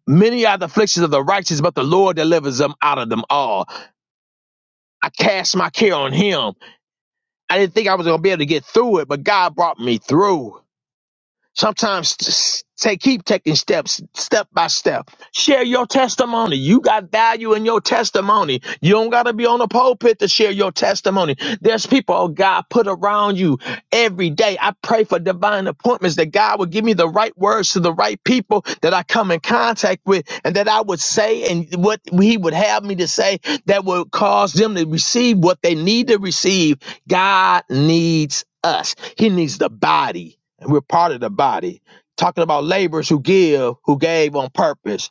[SPEAKER 5] many are the afflictions of the righteous, but the Lord delivers them out of them all. I cast my care on Him. I didn't think I was going to be able to get through it, but God brought me through. Sometimes just say keep taking steps, step by step. Share your testimony. You got value in your testimony. You don't got to be on the pulpit to share your testimony. There's people oh, God put around you every day. I pray for divine appointments that God would give me the right words to the right people that I come in contact with, and that I would say and what He would have me to say that would cause them to receive what they need to receive. God needs us. He needs the body and we're part of the body. Talking about laborers who give, who gave on purpose.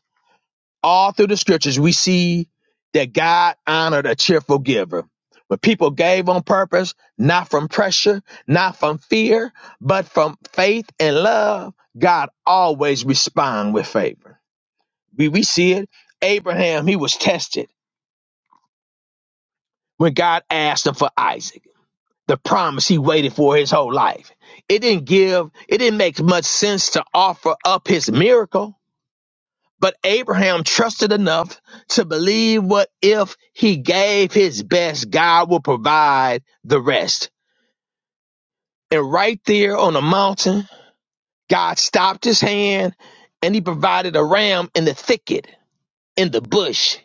[SPEAKER 5] All through the scriptures, we see that God honored a cheerful giver. When people gave on purpose, not from pressure, not from fear, but from faith and love, God always responds with favor. We, we see it. Abraham, he was tested when God asked him for Isaac, the promise he waited for his whole life. It didn't give, it didn't make much sense to offer up his miracle But Abraham trusted enough to believe what if he gave his best, God will provide the rest. And right there on the mountain, God stopped his hand and he provided a ram in the thicket, in the bush.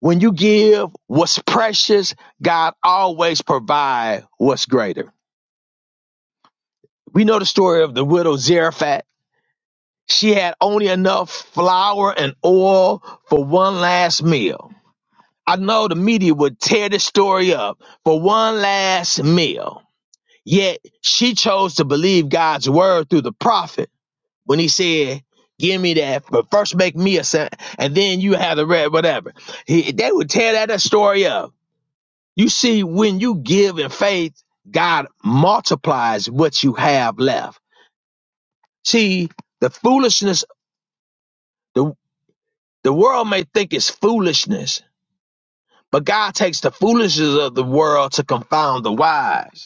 [SPEAKER 5] When you give what's precious, God always provide what's greater. We know the story of the widow Zarephath. She had only enough flour and oil for one last meal I know the media would tear this story up for one last meal. Yet she chose to believe God's word through the prophet when he said, Give me that, but first make me a son, and then you have the red, whatever. He, they would tear that, that story up. You see, when you give in faith, God multiplies what you have left. See, the foolishness, the, the world may think it's foolishness, but God takes the foolishness of the world to confound the wise.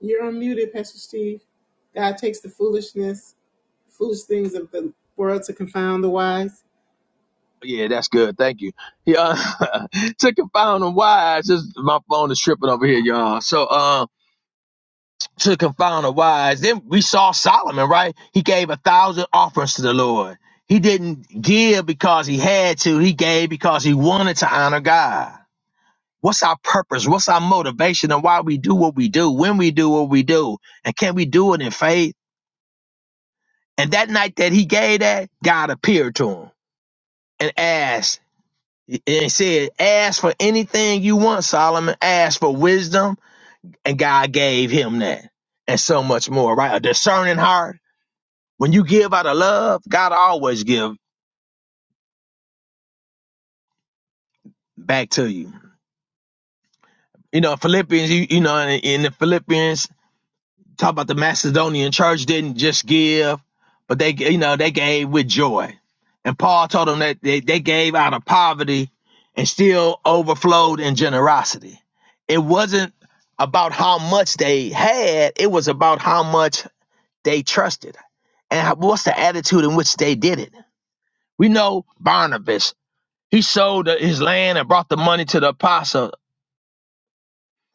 [SPEAKER 1] You're unmuted, Pastor Steve. God takes the foolishness, foolish things of the world to confound the wise.
[SPEAKER 5] Yeah, that's good. Thank you. Yeah, *laughs* to confound the wise. This, my phone is tripping over here, y'all. So, uh, to confound the wise. Then we saw Solomon, right? He gave a thousand offerings to the Lord. He didn't give because he had to. He gave because he wanted to honor God. What's our purpose? What's our motivation and why we do what we do, when we do what we do? And can we do it in faith? And that night that he gave that, God appeared to him and asked, And it said, ask for anything you want, Solomon. Ask for wisdom. And God gave him that and so much more, right? A discerning heart. When you give out of love, God always give back to you. You know, Philippians, you, you know, in, in the Philippians Talk about the Macedonian church didn't just give, but they, you know, they gave with joy. And Paul told them that they, they gave out of poverty and still overflowed in generosity. It wasn't about how much they had, it was about how much they trusted and how- what's the attitude in which they did it. We know Barnabas, he sold his land and brought the money to the apostles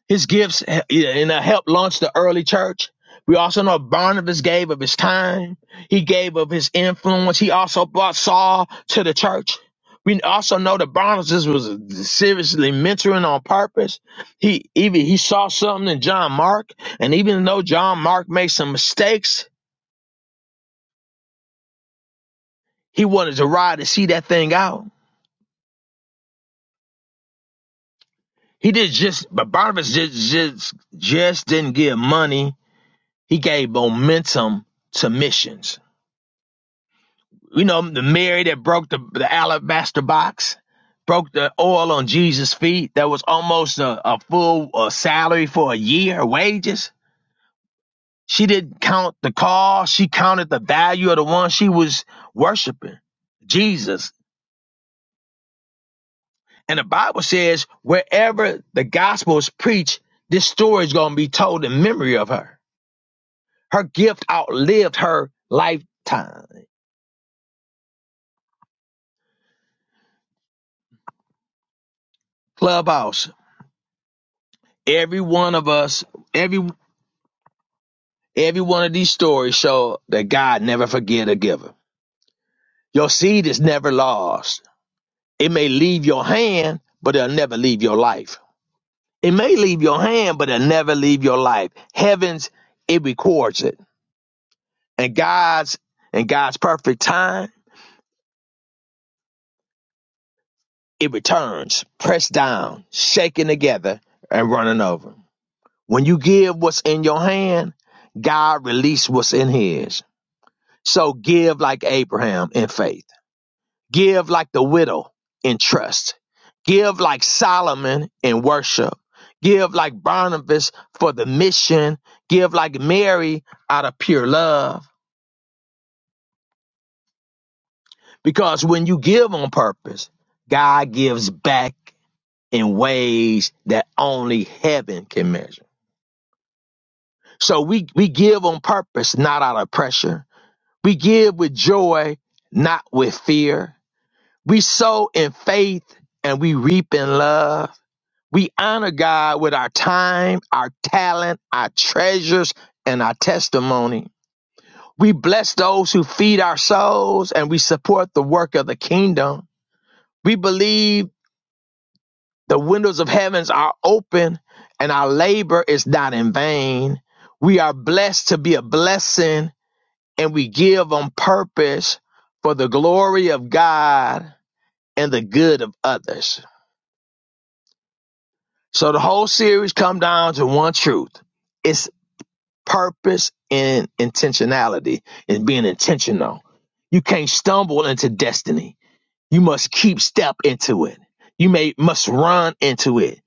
[SPEAKER 5] his gifts eh, yeah, and uh, helped launch the early church. We also know Barnabas gave of his time. He gave of his influence. He also brought Saul to the church. We also know that Barnabas was seriously mentoring on purpose. He even he saw something in John Mark, and even though John Mark made some mistakes, he wanted to ride to see that thing out. He did just, but Barnabas just just, just didn't give money. He gave momentum to missions. You know, the Mary that broke the, the alabaster box, broke the oil on Jesus' feet. That was almost a, a full uh, salary for a year, wages. She didn't count the cost. She counted the value of the one she was worshiping, Jesus. And the Bible says, wherever the gospel is preached, this story is going to be told in memory of her. Her gift outlived her lifetime. Clubhouse. Every one of us, Every. Every one of these stories show that God never forget a giver. Your seed is never lost. It may leave your hand, but it'll never leave your life. It may leave your hand, but it'll never leave your life. Heavens, it records it. And God's and God's perfect time, it returns, pressed down, shaken together, and running over. When you give what's in your hand, God release what's in his. So give like Abraham in faith Give like the widow in trust. Give like Solomon in worship. Give like Barnabas for the mission. Give like Mary out of pure love. Because when you give on purpose, God gives back in ways that only heaven can measure. So we, we give on purpose, not out of pressure. We give with joy, not with fear. We sow in faith and we reap in love. We honor God with our time, our talent, our treasures, and our testimony. We bless those who feed our souls and we support the work of the kingdom. We believe the windows of heavens are open and our labor is not in vain. We are blessed to be a blessing and we give on purpose for the glory of God and the good of others. So the whole series come down to one truth it's. purpose and intentionality and being intentional. You can't stumble into destiny. You must keep step into it. You may must run into it.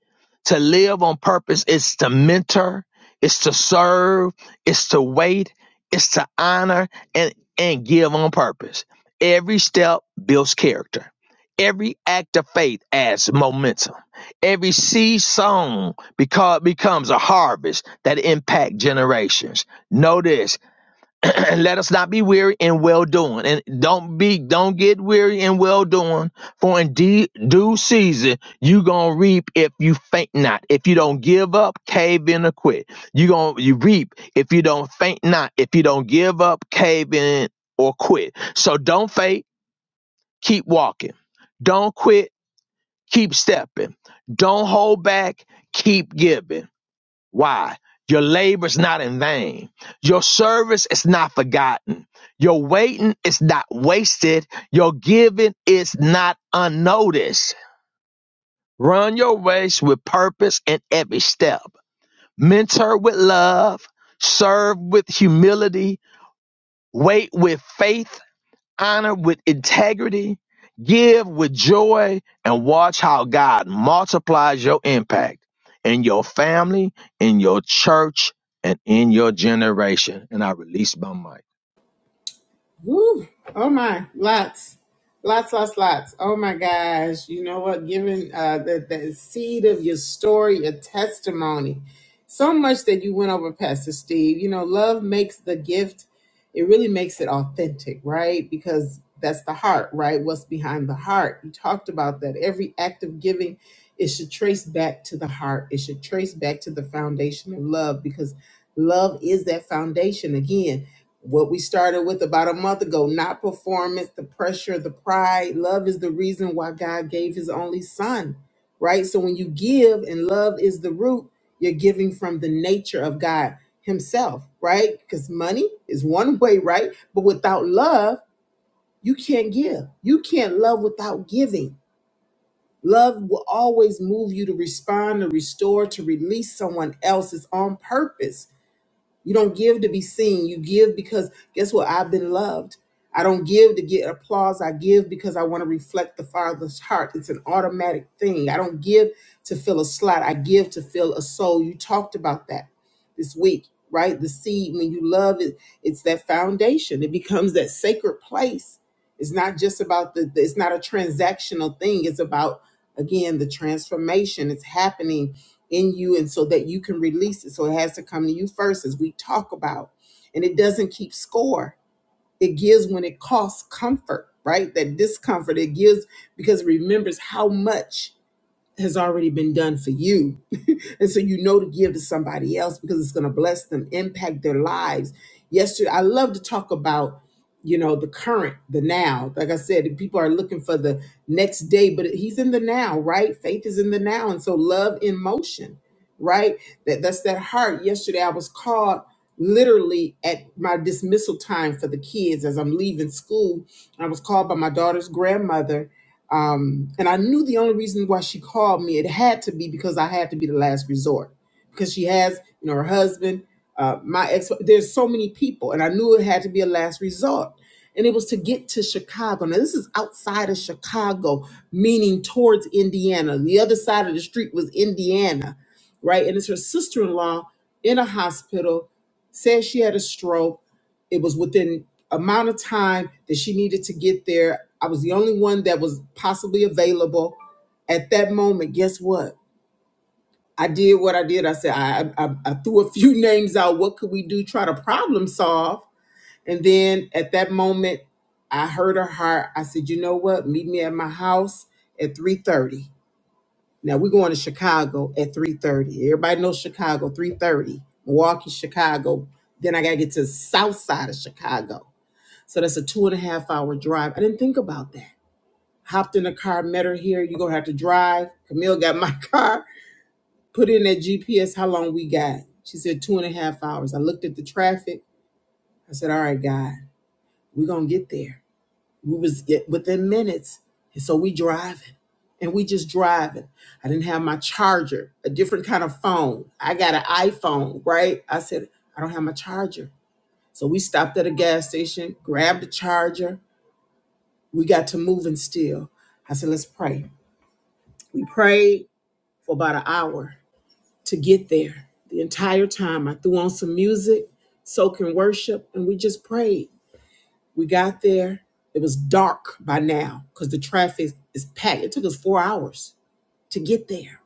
[SPEAKER 5] To live on purpose is to mentor, it's to serve, it's to wait, it's to honor and and give on purpose. Every step builds character. Every act of faith adds momentum. Every seed sown because becomes a harvest that impact generations. Notice *clears throat* let us not be weary in well doing and don't be don't get weary in well doing for in de- due season you gonna reap if you faint not if you don't give up cave in or quit you gonna you reap if you don't faint not if you don't give up cave in or quit so don't faint keep walking don't quit keep stepping don't hold back keep giving why? Your labor's not in vain. Your service is not forgotten. Your waiting is not wasted. Your giving is not unnoticed. Run your race with purpose in every step. Mentor with love. Serve with humility. Wait with faith honor with integrity, give with joy, and watch how God multiplies your impact in your family, in your church, and in your generation. And I release my mic.
[SPEAKER 1] Woo. Oh my, lots, lots, lots, lots. Oh my gosh. You know what? Giving uh, the, the seed of your story, your testimony, so much that you went over, Pastor Steve. You know, love makes the gift, it really makes it authentic, right? Because that's the heart, right? What's behind the heart. You talked about that. Every act of giving, it should trace back to the heart, it should trace back to the foundation of love because love is that foundation again what we started with about a month ago not performance, the pressure, the pride. Love is the reason why God gave his only son, right? So when you give and love is the root, you're giving from the nature of God himself, right? Because money is one *laughs* way, right? But without love, you can't give. You can't love without giving. Love will always move you to respond, to restore, to release someone else. It's on purpose you don't give to be seen. You give because guess what? I've been loved. I don't give to get applause. I give because I want to reflect the Father's heart. It's an automatic thing. I don't give to fill a slot. I give to fill a soul. You talked about that this week, right? The seed, when you love it, it's that foundation. It becomes that sacred place. It's not just about the, it's not a transactional thing. It's about, again, the transformation. It's happening in you and so that you can release it. So it has to come to you first as we talk about. And it doesn't keep score. It gives when it costs comfort, right? That discomfort it gives because it remembers how much has already been done for you. *laughs* and so you know to give to somebody else because it's going to bless them, impact their lives. Yesterday, I love to talk about, you know, the current, the now. Like I said, people are looking for the next day, but he's in the now, right? Faith is in the now. And so love in motion, right? That that's that heart. Yesterday I was called literally at my dismissal time for the kids as I'm leaving school. I was called by my daughter's grandmother um, and I knew the only reason why she called me, it had to be because I had to be the last resort because she has, you know, her husband, uh, my ex, there's so many people and I knew it had to be a last resort. And it was to get to Chicago. Now this is outside of Chicago, meaning towards Indiana. The other side of the street was Indiana, right? And it's her sister-in-law in a hospital, said she had a stroke. It was within amount of time that she needed to get there. I was the only one that was possibly available at that moment. Guess what? I did what I did. I said I, I, I threw a few *laughs* names out. What could we do? Try to problem solve. And then at that moment, I heard her heart. I said, "You know what? Meet me at my house at 3:30." Now we're going to Chicago at 3:30. Everybody knows Chicago, 3:30. Milwaukee, Chicago. Then I got to get to the south side of Chicago. So that's a two and a half hour drive. I didn't think about that. Hopped in the car, met her here. You're going to have to drive. Camille got my *laughs* car, put in that GPS, how long we got. She said two and a half hours. I looked at the traffic. I said, all right, God, we're going to get there. We was get within minutes. And so we driving and we just driving. I didn't have my charger, a different kind of phone. I got an iPhone, right? I said, I don't have my charger. So we stopped at a gas station, grabbed the charger, We got to move and still. I said, let's pray. We prayed for about an hour to get there. The entire time I threw on some music, soaking worship, and we just prayed. We got there. It was dark by now because the traffic is packed. It took us four hours to get there.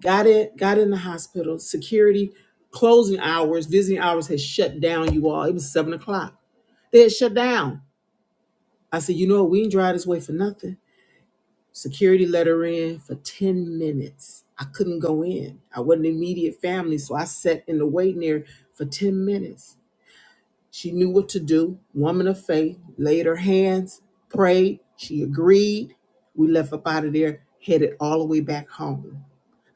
[SPEAKER 1] Got it, got in the hospital. Security closing hours, visiting hours had shut down, you all. It was seven o'clock. They had shut down. I said, you know what? We didn't drive this way for nothing. security let her in for 10 minutes. I couldn't go in. I wasn't immediate family, so I sat in the waiting area for 10 minutes. She knew what to do. Woman of faith, laid her hands, prayed. She agreed. We left up out of there, headed all the way back home.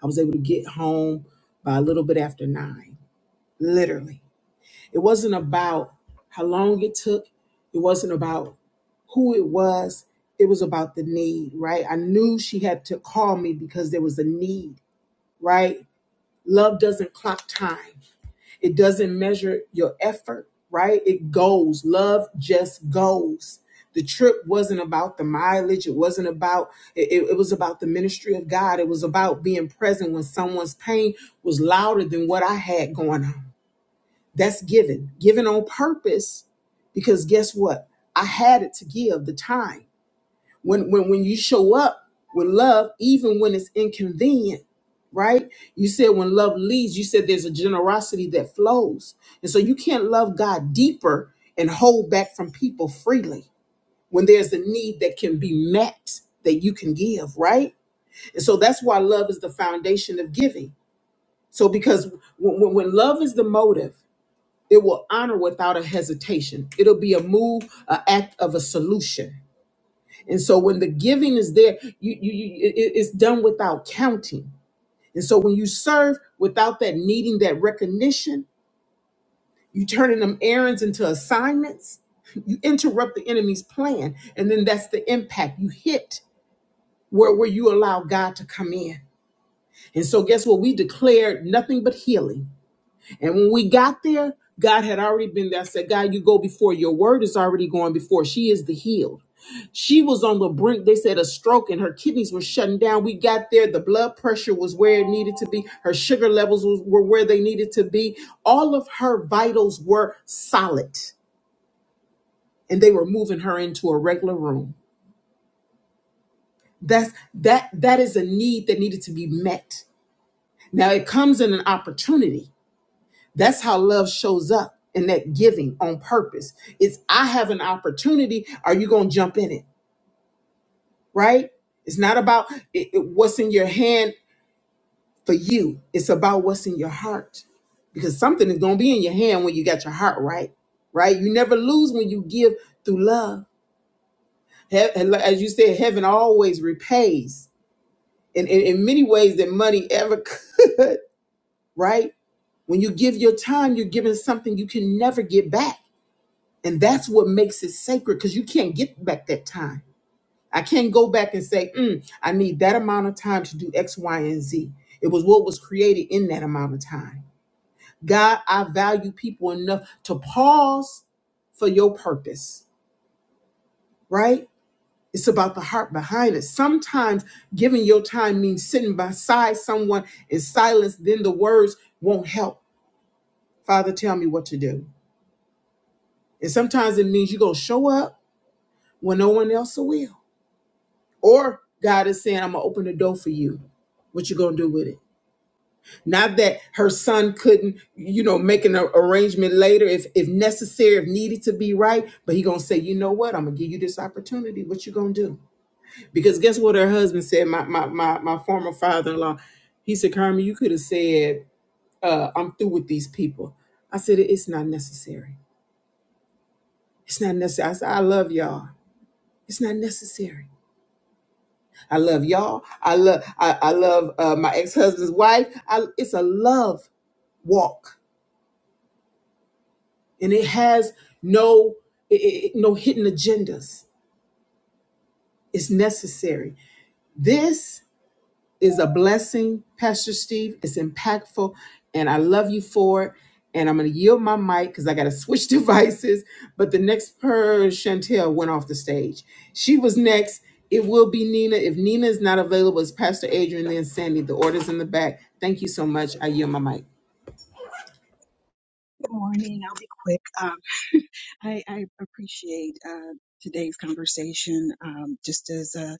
[SPEAKER 1] I was able to get home by a little bit after nine, literally. It wasn't about how long it took. It wasn't about who it was. It was about the need, right? I knew she had to call me because there was a need, right? Love doesn't clock time. It doesn't measure your effort, right? It goes. Love just goes. The trip wasn't about the mileage. It wasn't about, it, it was about the ministry of God. It was about being present when someone's pain was louder than what I had going on that's given, given on purpose, because guess what? I had it to give the time. When when when you show up with love, even when it's inconvenient, right? You said when love leads, you said there's a generosity that flows, and so you can't love God deeper and hold back from people freely when there's a need that can be met that you can give, right? And so that's why love is the foundation of giving. So because when, when when love is the motive it will honor without a hesitation. It'll be a move, an act of a solution. And so when the giving is there, you, you, you it- it's done without counting. And so when you serve without that needing that recognition, you turning them errands into assignments. You interrupt the enemy's plan, and then that's the impact you hit where where you allow God to come in. And so guess what? We declared nothing but healing And when we got there, God had already been there. I said, God, you go before. Your word is already going before. She is the healed. She was on the brink. They said a stroke and her kidneys were shutting down. We got there. The blood pressure was where it needed to be. Her sugar levels was, were where they needed to be. All of her vitals were solid and they were moving her into a regular room. That's that that is a need that needed to be met. Now it comes in an opportunity That's how love shows up in that giving on purpose. It's I have an opportunity. Are you going to jump in it? Right? It's not about it, it- what's in your hand for you. It's about what's in your heart because something is going to be in your hand when you got your heart right. Right? You never lose when you give through love. He- and like- As you said, heaven always repays in, in, in many ways that money ever *laughs* could. Right? When you give your time, you're giving something you can never get back And that's what makes it sacred because you can't get back that time. I can't go back and say, "Mm, I need that amount of time to do X, Y, and Z. It was what was created in that amount of time. God, I value people enough to pause for your purpose, right? It's about the heart behind it. Sometimes giving your time means sitting beside someone in silence, then the words won't help. Father, tell me what to do. And sometimes it means you're going to show up when no one else will Or God is saying, I'm gonna open the door for you. What you gonna do with it? Not that her son couldn't, you know, make an arrangement later if if necessary, if needed to be right. But he gonna say, you know what? I'm gonna give you this opportunity. What you gonna do? Because guess what? Her husband said, my my my, my former father-in-law, he said, Carmen, you could have said, uh, I'm through with these people. I said, it's not necessary. It's not necessary. I said, I love y'all. It's not necessary. I love y'all. I love I, I love uh, my ex husband's wife. I, it's a love walk, and it has no it, it- no hidden agendas. It's necessary. This is a blessing, Pastor Steve. It's impactful, and I love you for it. And I'm going to yield my mic because I got to switch *laughs* devices. But the next per Chantel went off the stage. She was next. It will be Nina. If Nina is not available, it's Pastor Adrian, then Sandy. The order's in the back. Thank you so much. I yield my mic.
[SPEAKER 6] Good morning. I'll be quick. Um, *laughs* I, I appreciate uh, today's conversation um, just as a,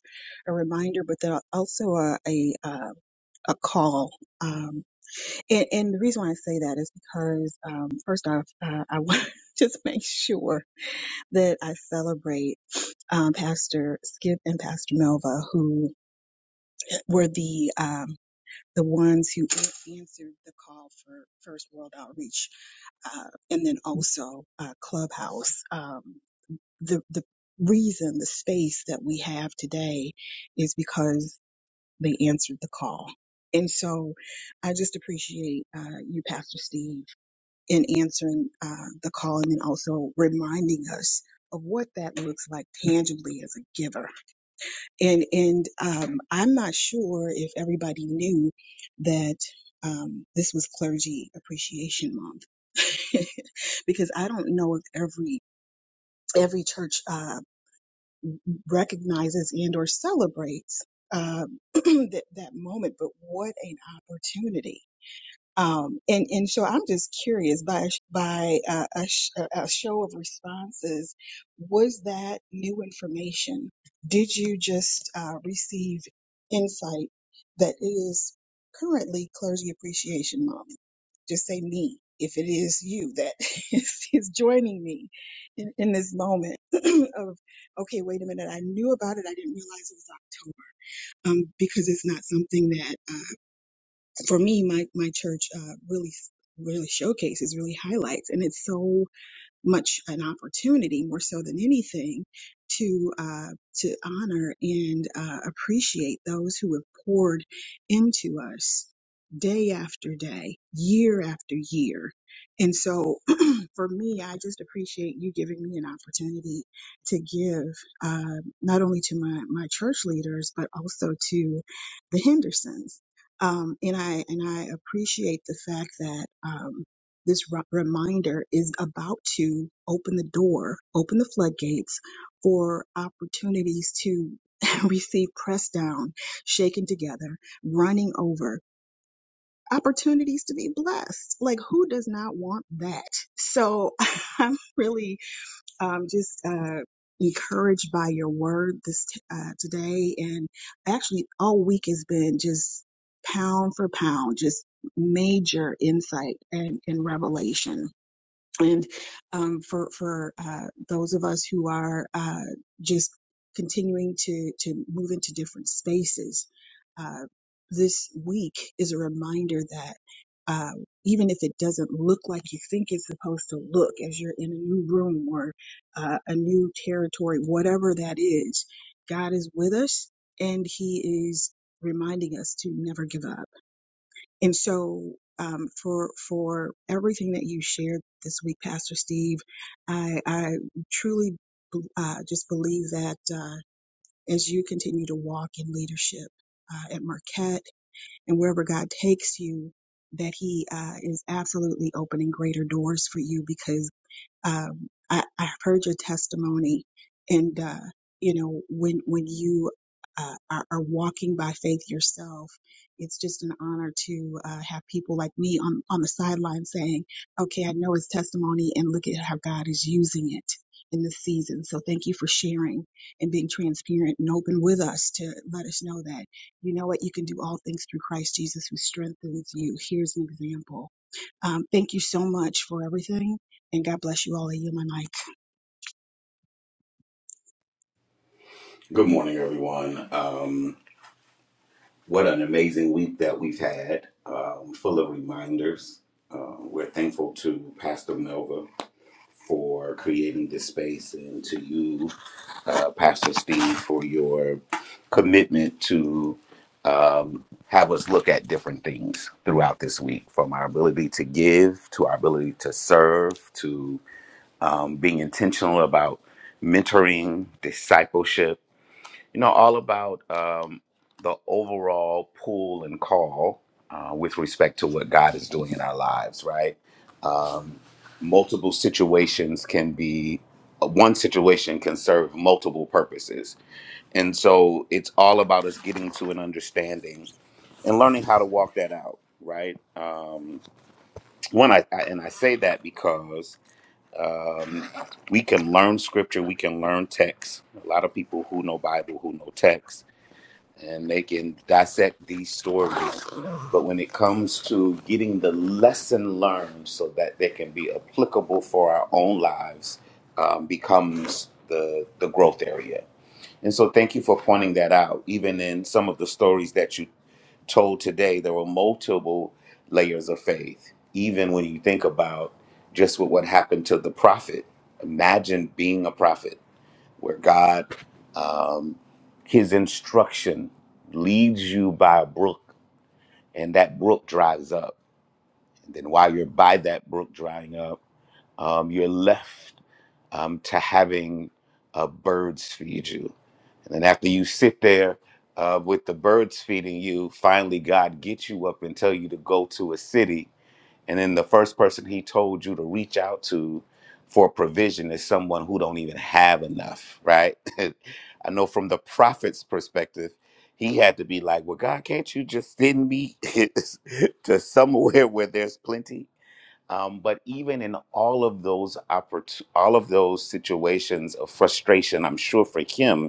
[SPEAKER 6] a reminder, but then also a, a, uh, a call. Um, and, and the reason why I say that is because, um, first off, uh, I want *laughs* to just make sure that I celebrate um, Pastor Skip and Pastor Melva, who were the um, the ones who answered the call for First World Outreach uh, and then also uh, Clubhouse. Um, the the reason, the space that we have today, is because they answered the call. And so, I just appreciate uh, you, Pastor Steve, in answering uh, the call, and then also reminding us of what that looks like tangibly as a giver and and um, I'm not sure if everybody knew that um, this was Clergy Appreciation Month *laughs* because I don't know if every every church uh, recognizes and or celebrates uh, *clears throat* that that moment. But what an opportunity! Um, and, and so I'm just curious by, by uh, a, sh- a show of responses, was that new information? Did you just uh, receive insight that it is currently Clergy Appreciation Month? Just say me, if it is you that *laughs* is, is joining me in, in this moment *clears throat* of, okay, wait a minute, I knew about it, I didn't realize it was October, um, because it's not something that uh, for me, my my church uh, really really showcases, really highlights, and it's so much an opportunity, more so than anything, to uh, to honor and uh, appreciate those who have poured into us day after day, year after year, and so. *clears throat* for me, I just appreciate you giving me an opportunity to give uh, not only to my, my church leaders, but also to the Hendersons. Um, and I and I appreciate the fact that um, this re- reminder is about to open the door, open the floodgates for opportunities to *laughs* receive pressed down, shaken together, running over opportunities to be blessed. Like, who does not want that? So *laughs* I'm really um, just uh, encouraged by your word this uh, today, and actually all week has been just pound for pound, just major insight and, and revelation and um, for for uh, those of us who are uh, just continuing to to move into different spaces, uh, this week is a reminder that uh, even if it doesn't look like you think it's supposed to look, as you're in a new room or uh, a new territory, whatever that is, God is with us, and He is reminding us to never give up and so, um, for for everything that you shared this week, Pastor Steve, I I truly uh, just believe that uh, as you continue to walk in leadership uh, at Marquette and wherever God takes you, that He uh, is absolutely opening greater doors for you because um, I, I've heard your testimony, and uh, you know when when you uh, are, are walking by faith yourself, it's just an honor to uh, have people like me on on the sideline saying, "Okay, I know his testimony, and look at how God is using it." In this season. So thank you for sharing and being transparent and open with us to let us know that, you know what, you can do all things through Christ Jesus who strengthens you. Here's an example. Um, thank you so much for everything and God bless you all in my life.
[SPEAKER 4] Good morning, everyone. Um, what an amazing week that we've had, um, full of reminders. Uh, we're thankful to Pastor Melva for creating this space and to you, uh, Pastor Steve, for your commitment to have us look at different things throughout this week from our ability to give to our ability to serve to um, being intentional about mentoring, discipleship you know, all about um, the overall pull and call uh, with respect to what God is doing in our lives, right? Um, multiple situations can be, uh, one situation can serve multiple purposes. And so it's all about us getting to an understanding and learning how to walk that out. Right. Um, one, I, I and I say that because um, we can learn scripture, we can learn text. A lot of people who know Bible, who know text, and they can dissect these stories. But when it comes to getting the lesson learned so that they can be applicable for our own lives, um, becomes the, the growth area. And so, thank you for pointing that out. Even in some of the stories that you told today, there were multiple layers of faith. Even when you think about just what, what happened to the prophet, imagine being a prophet where God, um, His instruction leads you by a brook, and that brook dries up. And then while you're by that brook drying up, um, you're left um, to having uh, birds feed you. And then after you sit there uh, with the birds feeding you, finally God gets you up and tell you to go to a city and then the first person he told you to reach out to for provision is someone who don't even have enough, right? *laughs* I know from the prophet's perspective, he had to be like, "Well, God, can't you just send me *laughs* to somewhere where there's plenty?" Um, but even in all of those oppor- all of those situations of frustration, I'm sure for him,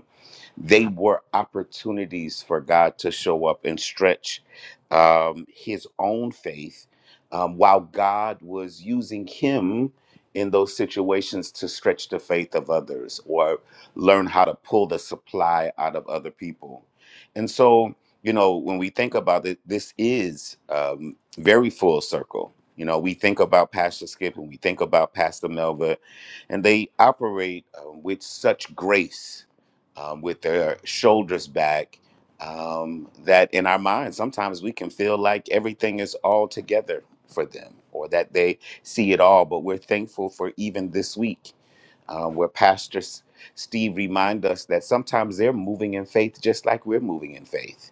[SPEAKER 4] they were opportunities for God to show up and stretch um, his own faith um, while God was using him in those situations to stretch the faith of others or learn how to pull the supply out of other people. And so, you know, when we think about it, this is um, very full circle. You know, we think about Pastor Skip and we think about Pastor Melva, and they operate uh, with such grace um, with their shoulders back. Um, that in our minds, sometimes we can feel like everything is all together for them or that they see it all. But we're thankful for even this week uh, where Pastor S- Steve reminded us that sometimes they're moving in faith just like we're moving in faith,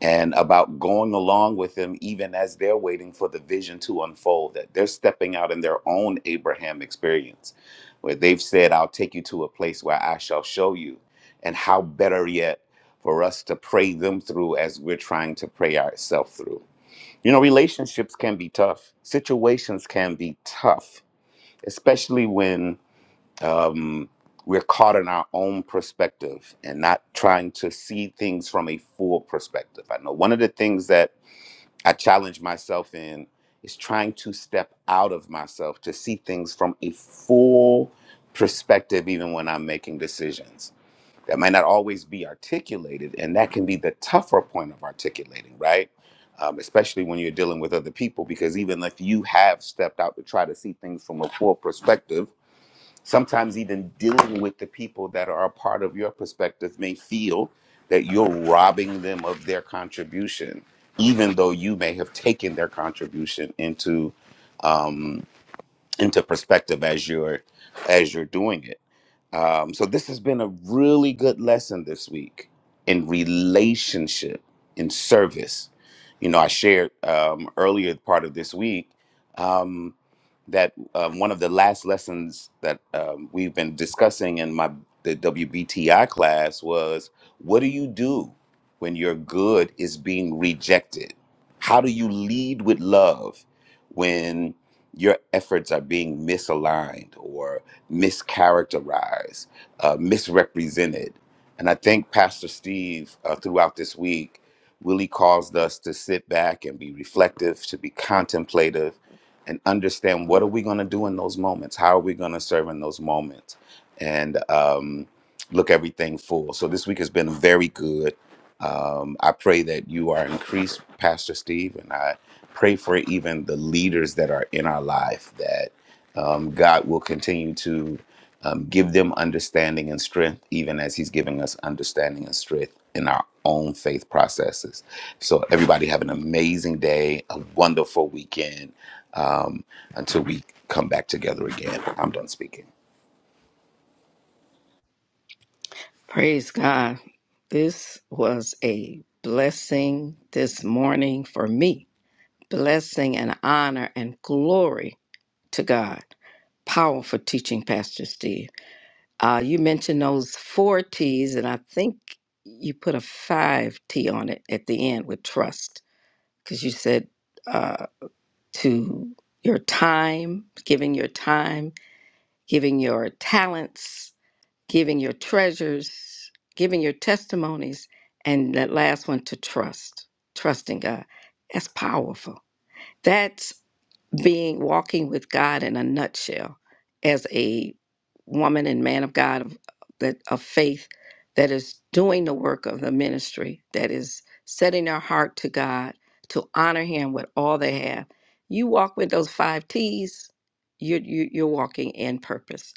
[SPEAKER 4] and about going along with them even as they're waiting for the vision to unfold, that they're stepping out in their own Abraham experience, where they've said, I'll take you to a place where I shall show you, and how better yet for us to pray them through as we're trying to pray ourselves through. You know, relationships can be tough, situations can be tough, especially when um, we're caught in our own perspective and not trying to see things from a full perspective. I know one of the things that I challenge myself in is trying to step out of myself to see things from a full perspective, even when I'm making decisions. That might not always be articulated, and that can be the tougher point of articulating, right? Um, especially when you're dealing with other people, because even if you have stepped out to try to see things from a full perspective, Sometimes even dealing with the people that are a part of your perspective may feel that you're robbing them of their contribution, even though you may have taken their contribution into um, into perspective as you're as you're doing it. Um, so this has been a really good lesson this week in relationship, in service. You know, I shared um, earlier part of this week. Um, that um, one of the last lessons that um, we've been discussing in my the WBTI class was what do you do when your good is being rejected? How do you lead with love when your efforts are being misaligned or mischaracterized, uh, misrepresented? And I think Pastor Steve, uh, throughout this week, really caused us to sit back and be reflective, to be contemplative, and understand what are we going to do in those moments how are we going to serve in those moments and um, look everything full so this week has been very good um, i pray that you are increased pastor steve and i pray for even the leaders that are in our life that um, god will continue to um, give them understanding and strength even as he's giving us understanding and strength in our own faith processes so everybody have an amazing day a wonderful weekend um, until we come back together again. I'm done speaking.
[SPEAKER 7] Praise God. This was a blessing this morning for me. Blessing and honor and glory to God. Powerful teaching, Pastor Steve. Uh, you mentioned those four T's, and I think you put a five T on it at the end with trust, because you said uh, to your time, giving your time, giving your talents, giving your treasures, giving your testimonies, and that last one to trust, trusting God. That's powerful. That's being walking with God in a nutshell as a woman and man of God of, that of faith that is doing the work of the ministry, that is setting their heart to God to honor Him with all they have. You walk with those five T's, you're, you- you're walking in purpose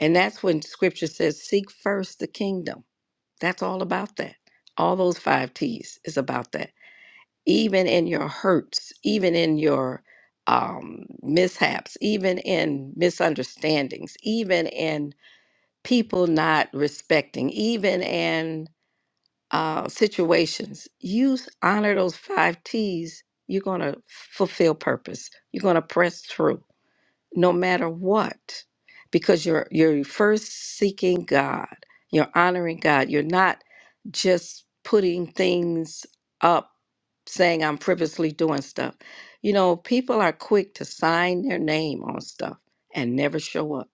[SPEAKER 7] and that's when scripture says, seek first the kingdom. That's all about that. All those five T's is about that. Even in your hurts, even in your um, mishaps, even in misunderstandings, even in people not respecting, even in uh, situations, you honor those five T's. You're going to fulfill purpose. You're going to press through no matter what because you're you're first seeking God you're honoring God you're not just putting things up saying I'm frivolously doing stuff you know people are quick to sign their name on stuff and never show up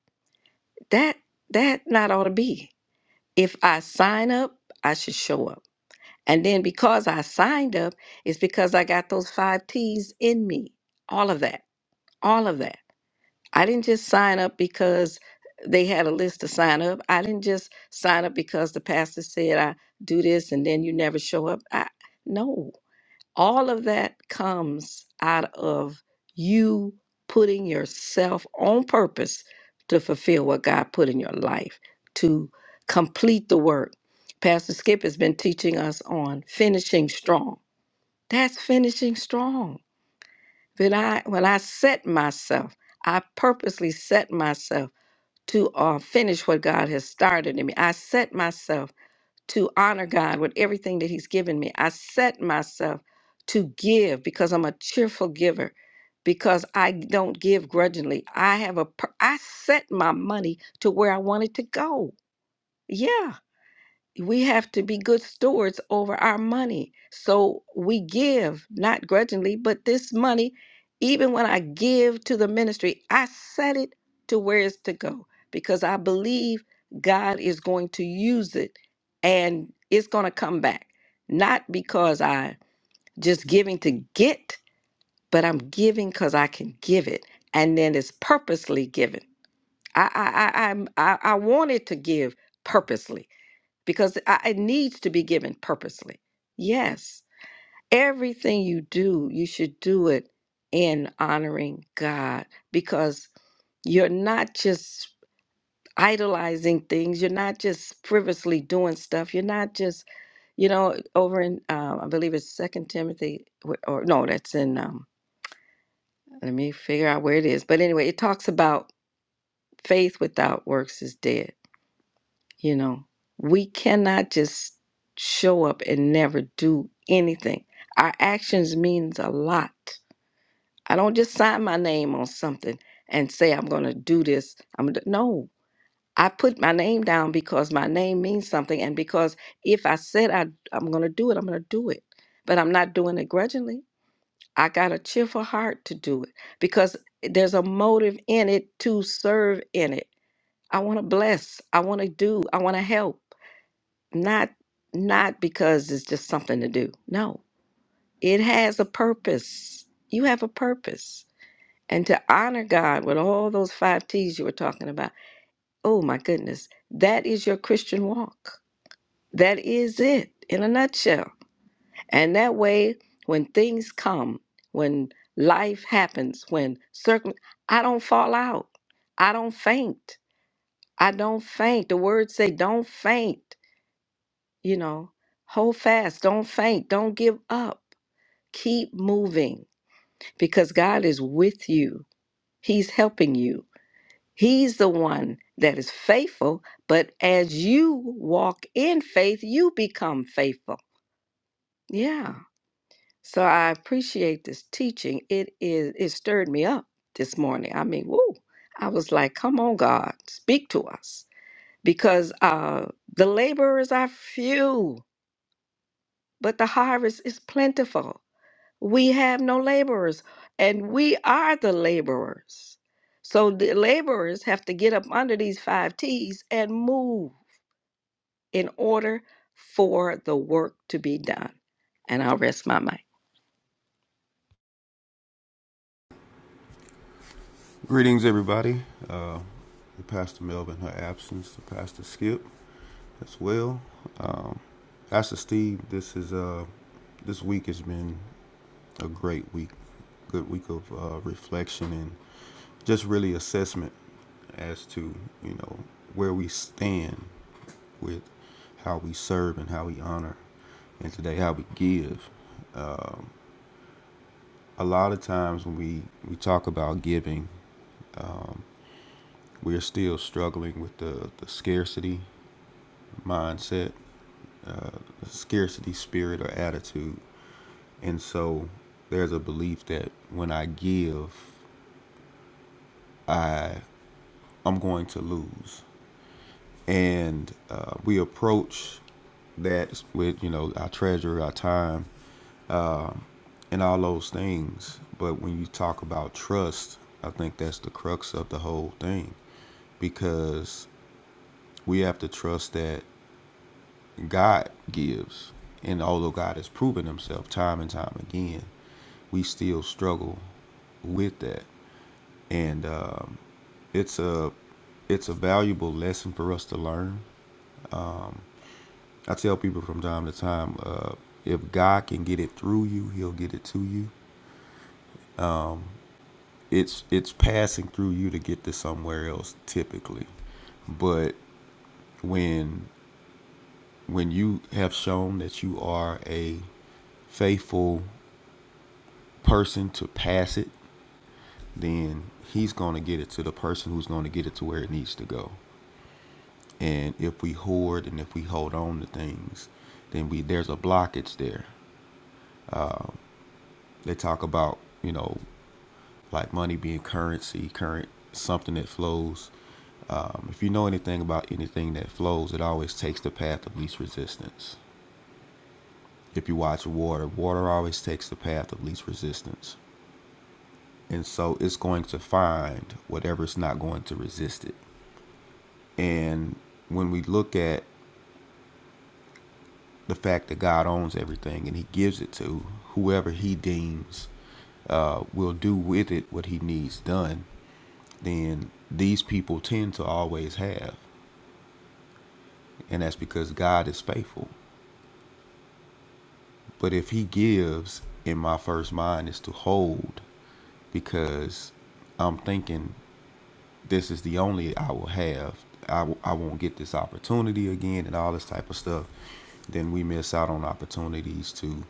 [SPEAKER 7] that that not ought to be if I sign up I should show up and then because I signed up it's because I got those 5 T's in me all of that all of that I didn't just sign up because they had a list to sign up. I didn't just sign up because the pastor said I do this and then you never show up. I no. All of that comes out of you putting yourself on purpose to fulfill what God put in your life, to complete the work. Pastor Skip has been teaching us on finishing strong. That's finishing strong. When I when I set myself, I purposely set myself to uh, finish what God has started in me. I set myself to honor God with everything that He's given me. I set myself to give because I'm a cheerful giver, because I don't give grudgingly. I have a, per- I set my money to where I want it to go. Yeah we have to be good stewards over our money. So we give, not grudgingly, but this money, even when I give to the ministry, I set it to where it's to go because I believe God is going to use it and it's going to come back. Not because I just giving to get, but I'm giving because I can give it. And then it's purposely given. I I I I'm- I, I wanted to give purposely because I, it needs to be given purposely. Yes, everything you do, you should do it in honoring God because you're not just idolizing things, you're not just frivolously doing stuff, you're not just, you know, over in um, I believe it's Second Timothy wh- or no, that's in um, let me figure out where it is. But anyway, it talks about faith without works is dead. You know, we cannot just show up and never do anything. Our actions means a lot. I don't just sign my name on something and say I'm going to do this. I'm gonna, do-" no. I put my name down because my name means something and because if I said I I'm going to do it, I'm going to do it. But I'm not doing it grudgingly. I got a cheerful heart to do it because there's a motive in it to serve in it. I want to bless. I want to do. I want to help not not because it's just something to do. No, it has a purpose. You have a purpose. And to honor God with all those five T's you were talking about, oh my goodness, that is your Christian walk. That is it in a nutshell. And that way, when things come, when life happens, when circum, I don't fall out. I don't faint. I don't faint. The words say, don't faint. you know hold fast don't faint don't give up keep moving because god is with you he's helping you he's the one that is faithful but as you walk in faith you become faithful yeah so i appreciate this teaching it is it stirred me up this morning i mean woo i was like come on god speak to us because uh the laborers are few but the harvest is plentiful We have no laborers, and we are the laborers. So the laborers have to get up under these five T's and move in order for the work to be done. And I'll rest my mind.
[SPEAKER 3] Greetings, everybody. Uh, the Pastor Melvin, her absence, the Pastor Skip as well. Um, Pastor Steve, this is uh, this week has been a great week, good week of uh, reflection and just really assessment as to you know where we stand with how we serve and how we honor, and today how we give. Um, a lot of times when we we talk about giving, We are still struggling with the, the scarcity mindset, the scarcity spirit or attitude. And so there's a belief that when I give, I'm going to lose. And uh, we approach that with, you know, our treasure, our time, and all those things. But when you talk about trust, I think that's the crux of the whole thing because we have to trust that God gives. And although God has proven himself time and time again, we still struggle with that. And um, it's a it's a valuable lesson for us to learn. I tell people from time to time, uh, if God can get it through you, he'll get it to you. It's it's passing through you to get to somewhere else typically. But when when you have shown that you are a faithful person to pass it then he's going to get it to the person who's going to get it to where it needs to go. And if we hoard and if we hold on to things, then we there's a blockage there. They talk about you know like money being currency, current something that flows. Um, if you know anything about anything that flows, it always takes the path of least resistance. If you watch water, water always takes the path of least resistance. And so it's going to find whatever's not going to resist it. And when we look at the fact that God owns everything and He gives it to whoever He deems uh, will do with it what He needs done, then these people tend to always have. And that's because God is faithful. But if He gives, in my first mind is to hold because I'm thinking this is the only I will have. I, w- I won't get this opportunity again and all this type of stuff. Then we miss out on opportunities to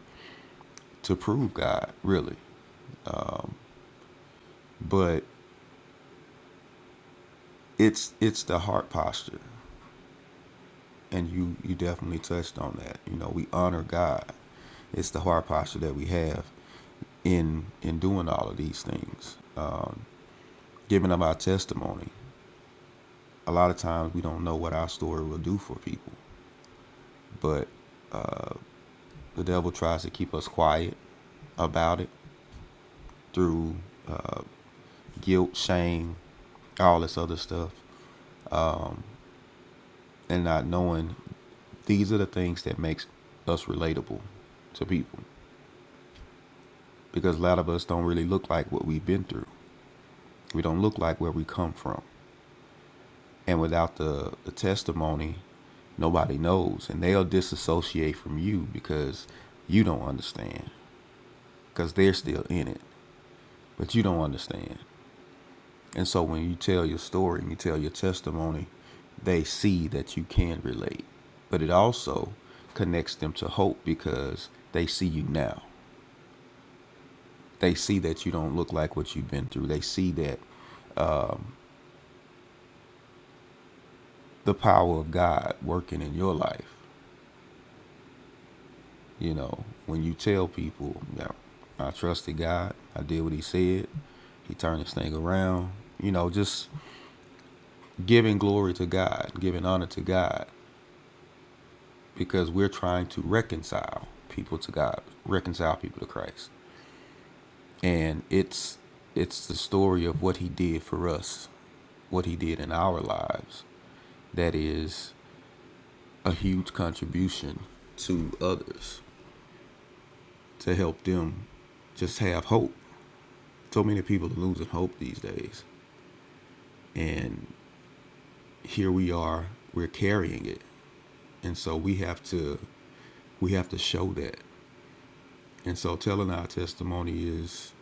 [SPEAKER 3] to prove God really. But it's it's the heart posture and you you definitely touched on that you know we honor god it's the heart posture that we have in in doing all of these things giving up our testimony a lot of times we don't know what our story will do for people but the devil tries to keep us quiet about it through uh, guilt shame all this other stuff and not knowing these are the things that makes us relatable to people because a lot of us don't really look like what we've been through. We don't look like where we come from. And without the, the testimony, nobody knows. And they'll disassociate from you because you don't understand, because they're still in it, but you don't understand. And so when you tell your story and you tell your testimony, they see that you can relate. But it also connects them to hope because they see you now. They see that you don't look like what you've been through. They see that the power of God working in your life. You know, when you tell people that I trusted God, I did what He said, He turned this thing around. You know, just giving glory to God, giving honor to God, because we're trying to reconcile people to God, reconcile people to Christ, and it's it's the story of what He did for us, what He did in our lives. That is a huge contribution to others to help them just have hope. So many people are losing hope these days. And here we are, we're carrying it. And so we have to we have to show that. And so telling our testimony is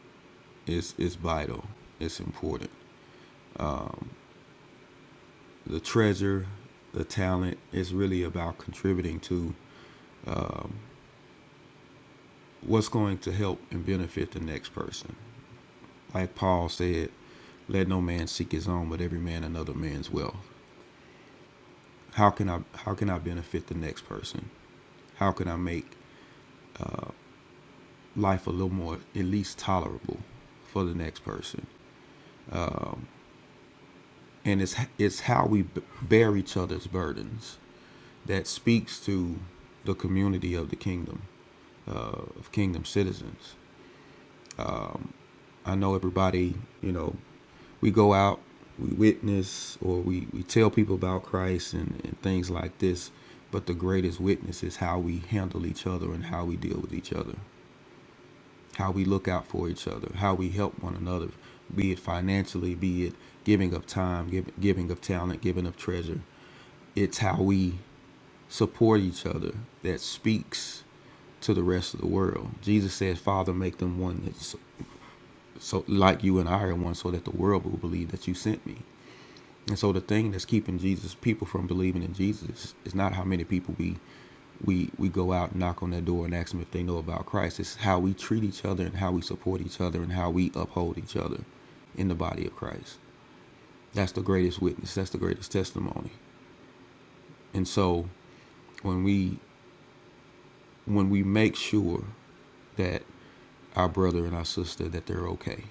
[SPEAKER 3] is is vital. It's important. The treasure, the talent is really about contributing to what's going to help and benefit the next person. Like Paul said, let no man seek his own, but every man another man's wealth. How can I how can I benefit the next person? how can I make life a little more at least tolerable for the next person? And it's it's how we bear each other's burdens that speaks to the community of the kingdom uh, of kingdom citizens. I know everybody, you know, we go out, we witness, or we, we tell people about Christ and, and things like this. But the greatest witness is how we handle each other and how we deal with each other. how we look out for each other, how we help one another, be it financially, be it giving of time, give, giving of talent, giving of treasure. It's how we support each other that speaks to the rest of the world. Jesus says, "Father, make them one, that so, so like you and I are one, so that the world will believe that you sent me." And so the thing that's keeping Jesus people from believing in Jesus is not how many people we we we go out and knock on their door and ask them if they know about Christ. It's how we treat each other and how we support each other and how we uphold each other in the body of Christ. That's the greatest witness. That's the greatest testimony. And so when we when we make sure that our brother and our sister that they're okay,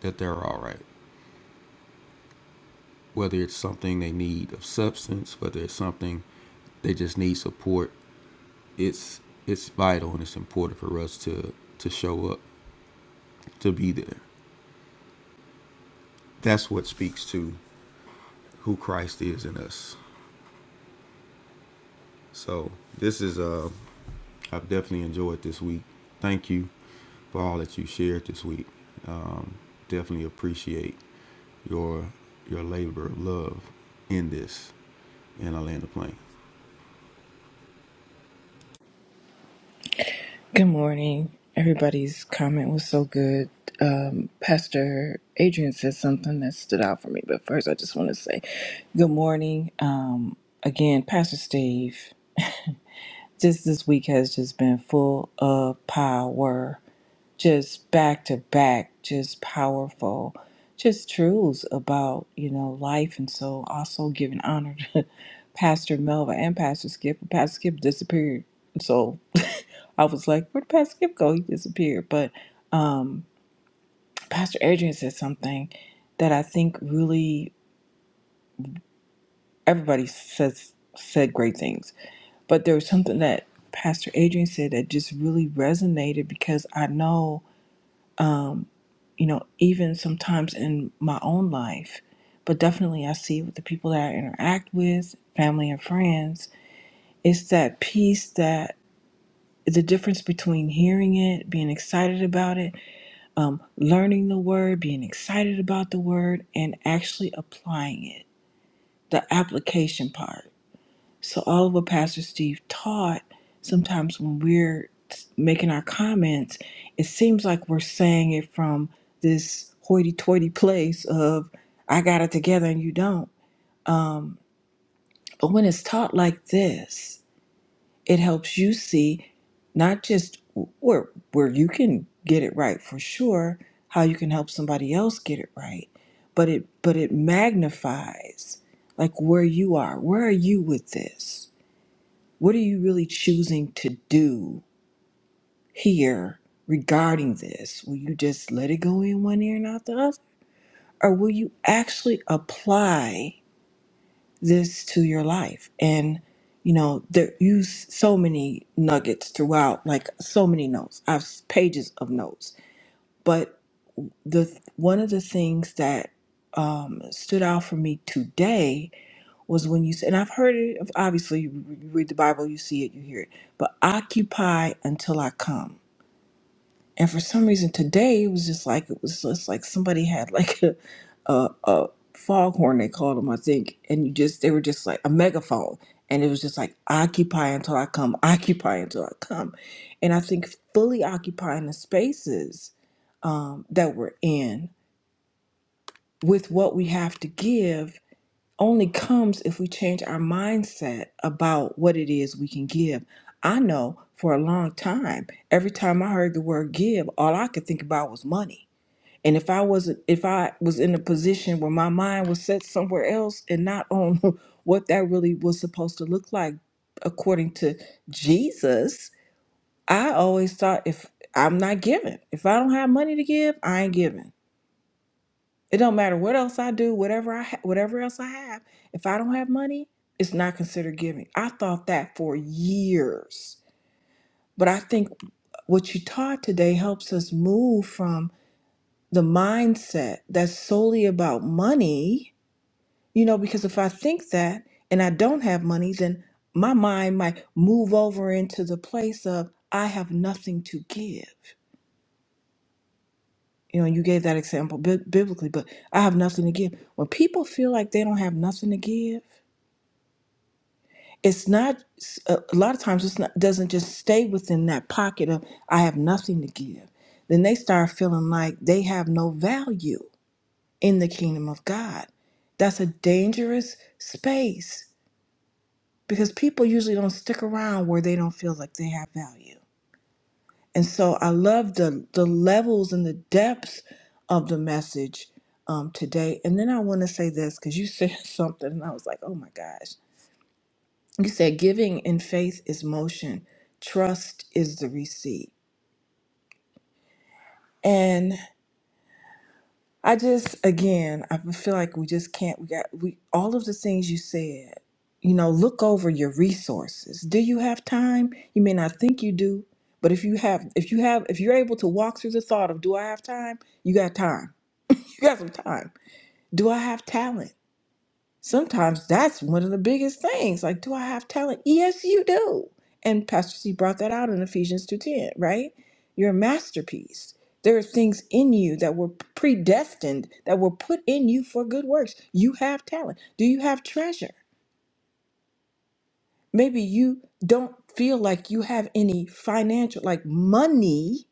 [SPEAKER 3] that they're all right, whether it's something they need of substance, whether it's something they just need support it's it's vital and it's important for us to to show up to be there that's what speaks to who christ is in us so this is uh i've definitely enjoyed this week thank you for all that you shared this week um definitely appreciate your your labor of love in this in Atlanta Plain.
[SPEAKER 8] Good morning. Everybody's comment was so good. Um, Pastor Adrian said something that stood out for me, but first I just want to say good morning. Um, again, Pastor Steve, *laughs* just this week has just been full of power, just back to back, just powerful, just truths about, you know, life. And so also giving honor to *laughs* Pastor Melva and Pastor Skip. Pastor Skip disappeared. So I was like, where'd Pastor Skip go? He disappeared. But Pastor Adrian said something that I think really everybody says said great things. But there was something that Pastor Adrian said that just really resonated because I know, you know, even sometimes in my own life, but definitely I see it with the people that I interact with, family and friends, it's that piece that the difference between hearing it, being excited about it, um, learning the word, being excited about the word, and actually applying it, the application part. So, all of what Pastor Steve taught, sometimes when we're making our comments, it seems like we're saying it from this hoity toity *laughs* place of, I got it together and you don't. But when it's taught like this, It helps you see not just where where you can get it right for sure, how you can help somebody else get it right, but it but it magnifies like where you are. Where are you with this? What are you really choosing to do here regarding this? Will you just let it go in one ear and out the other? Or will you actually apply? this to your life and you know there use so many nuggets throughout like so many notes i've s- pages of notes but the one of the things that um, stood out for me today was when you said and i've heard it obviously you read the bible you see it you hear it but occupy until i come and for some reason today it was just like it was just like somebody had like *laughs* a a, a foghorn they called them I think, and you just they were just like a megaphone, and it was just like occupy until I come, occupy until I come, and I think fully occupying the spaces um, that we're in with what we have to give only comes if we change our mindset about what it is we can give. I know for a long time, every time I heard the word give, all I could think about was money. And if I wasn't if I was in a position where my mind was set somewhere else and not on *laughs* what that really was supposed to look like according to Jesus, I always thought if I'm not giving, if I don't have money to give, I ain't giving. It don't matter what else I do, whatever I ha- whatever else I have. If I don't have money, it's not considered giving. I thought that for years. But I think what you taught today helps us move from the mindset that's solely about money, you know, because if I think that and I don't have money, then my mind might move over into the place of I have nothing to give. You know, you gave that example bi- biblically, but I have nothing to give. When people feel like they don't have nothing to give, it's not a lot of times it's not doesn't just stay within that pocket of i have nothing to give then they start feeling like they have no value in the kingdom of god that's a dangerous space because people usually don't stick around where they don't feel like they have value and so i love the the levels and the depths of the message um, today and then i want to say this because you said *laughs* something and i was like oh my gosh You said giving in faith is motion, trust is the receipt. And I just, again, I feel like we just can't, we got, we, all of the things you said, you know, look over your resources. Do you have time? You may not think you do, but if you have, if you have, if you're able to walk through the thought of, do I have time? You got time. *laughs* You got some time. Do I have talent? Sometimes that's one of the biggest things. Like, do I have talent? Yes, you do. And Pastor C brought that out in Ephesians 2:10, right? You're a masterpiece. There are things in you that were predestined, that were put in you for good works. You have talent. Do you have treasure? Maybe you don't feel like you have any financial, like money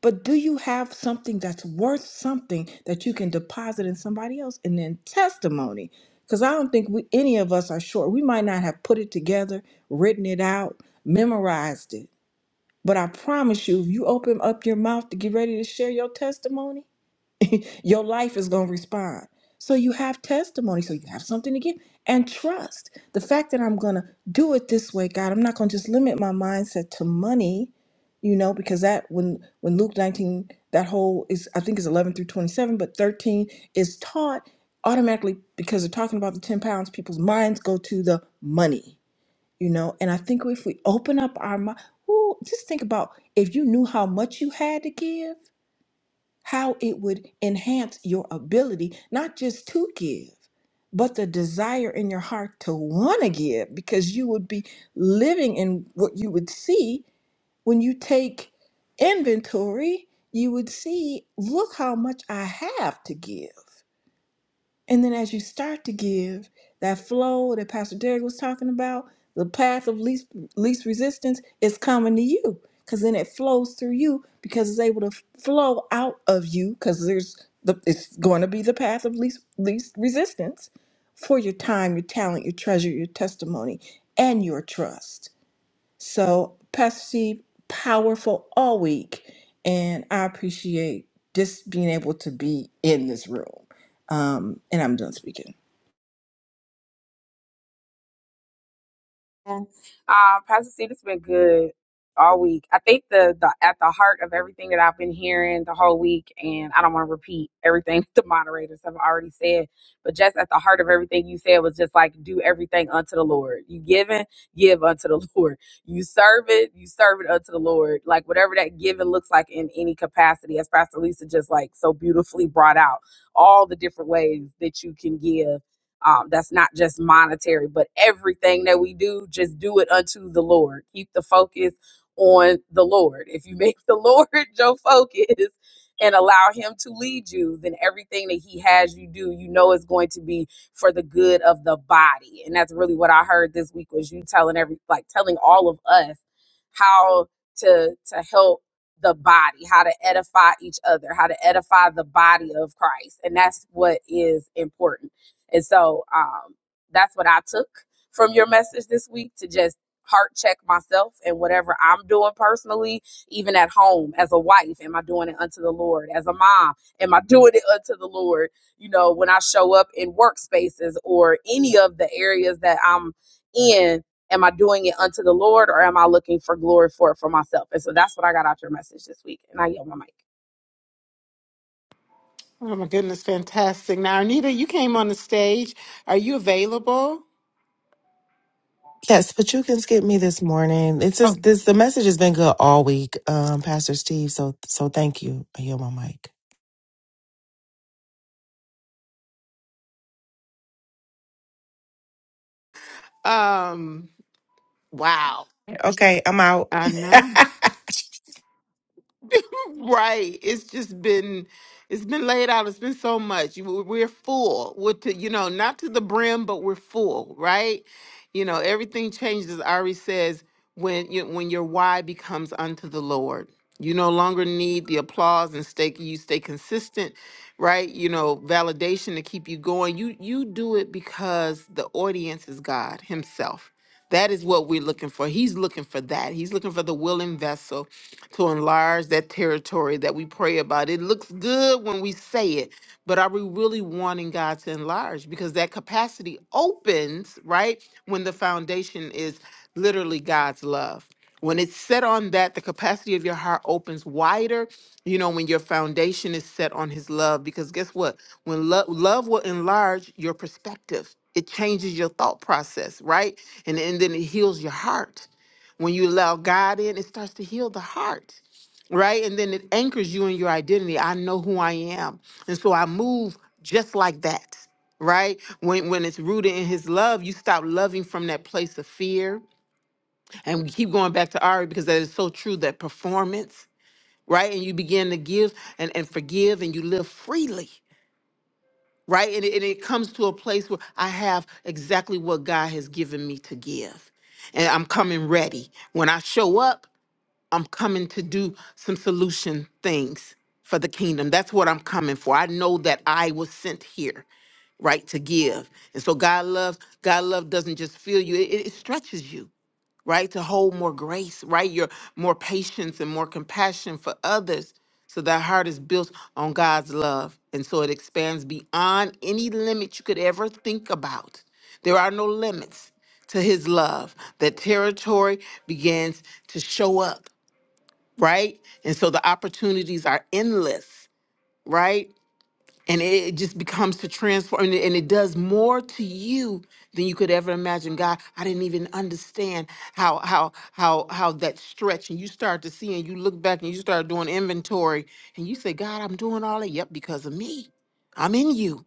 [SPEAKER 8] But do you have something that's worth something that you can deposit in somebody else and then testimony? Because I don't think we, any of us are sure. We might not have put it together, written it out, memorized it. But I promise you, if you open up your mouth to get ready to share your testimony, your life is going to respond. So you have testimony, so you have something to give, and trust. The fact that I'm going to do it this way, God, I'm not going to just limit my mindset to money, you know, because that when when Luke 19 that whole is I think is 11 through 27, but 13 is taught automatically because they're talking about the 10 pounds, people's minds go to the money, you know. And I think if we open up our mind, just think about if you knew how much you had to give how it would enhance your ability, not just to give, but the desire in your heart to want to give, because you would be living in what you would see when you take inventory. You would see, look how much I have to give. And then as you start to give that flow that Pastor Derek was talking about, the path of least least resistance is coming to you because then it flows through you because it's able to f- flow out of you because there's the it's going to be the path of least least resistance for your time, your talent, your treasure, your testimony, and your trust. So, Pastor Steve, powerful all week. And I appreciate just being able to be in this room. Um, and I'm done speaking.
[SPEAKER 9] Um, Pastor C, it's been good all week. I think the, the at the heart of everything that I've been hearing the whole week, and I don't want to repeat everything *laughs* the moderators have already said, but just at the heart of everything you said was just like do everything unto the Lord. You giving, give unto the *laughs* Lord. You serve it, you serve it unto the Lord. Like whatever that giving looks like in any capacity, as Pastor Lisa just like so beautifully brought out all the different ways that you can give um, that's not just monetary, but everything that we do, just do it unto the Lord. Keep the focus on the Lord. If you make the *laughs* Lord your focus and allow Him to lead you, then everything that He has you do, you know, is going to be for the good of the body. And that's really what I heard this week was you telling every like telling all of us how to to help the body, how to edify each other, how to edify the body of Christ. And that's what is important and so um, that's what I took from your message this week to just heart check myself and whatever I'm doing personally, even at home as a wife. Am I doing it unto the Lord? As a mom, am I doing it unto the Lord? You know, when I show up in workspaces or any of the areas that I'm in. Am I doing it unto the Lord or am I looking for glory for it for myself? And so that's what I got out your message this week. And I yield my mic.
[SPEAKER 1] Oh my goodness, fantastic. Now, Anita, you came on the stage. Are you available?
[SPEAKER 10] Yes, but you can skip me this morning. It's
[SPEAKER 1] Oh,
[SPEAKER 10] just, this the message has been good all week, um, Pastor Steve. So so thank you. I yield my mic.
[SPEAKER 1] um, wow.
[SPEAKER 10] Okay, I'm out.
[SPEAKER 1] I know.
[SPEAKER 10] *laughs*
[SPEAKER 1] *laughs* right. It's just been it's been laid out. It's been so much. You- We're full. With to you know, not to the brim, but we're full, right? You know, everything changes. As Ari says when you when your why becomes unto the Lord. You no longer need the applause and stake you stay consistent, right? You know, validation to keep you going. You you do it because the audience is God Himself. That is what we're looking for. He's looking for that. He's looking for the willing vessel to enlarge that territory that we pray about. It looks good when we say it, but are we really wanting God to enlarge? Because that capacity opens, right, when the foundation is literally God's love. When it's set on that, the capacity of your heart opens wider, you know, when your foundation is set on His love. Because guess what? When love love will enlarge your perspective, it changes your thought process, right? And, and then it heals your heart when you allow God in, it starts to heal the heart, right? And then it anchors you in your identity. I know who I am. And so I move just like that, right? When when it's rooted in his love, you stop loving from that place of fear. And we keep going back to Ari because that is so true that performance, right? And you begin to give and, and forgive and you live freely. Right. And it, and it comes to a place where I have exactly what God has given me to give and I'm coming ready. When I show up, I'm coming to do some solution things for the kingdom. That's what I'm coming for. I know that I was sent here, right, to give. And so God loves, God love doesn't just fill you, it, it stretches you, right, to hold more grace, right? Your more patience and more compassion for others. So that heart is built on God's love. And so it expands beyond any limit you could ever think about. There are no limits to his love. That territory begins to show up right? And so the opportunities are endless, right? And it it just becomes to transform, and it and it does more to you than you could ever imagine. God, I didn't even understand how how how how that stretch. And you start to see, and you look back, and you start doing inventory, and you say, God, I'm doing all that. Yep, because of me, I'm in you.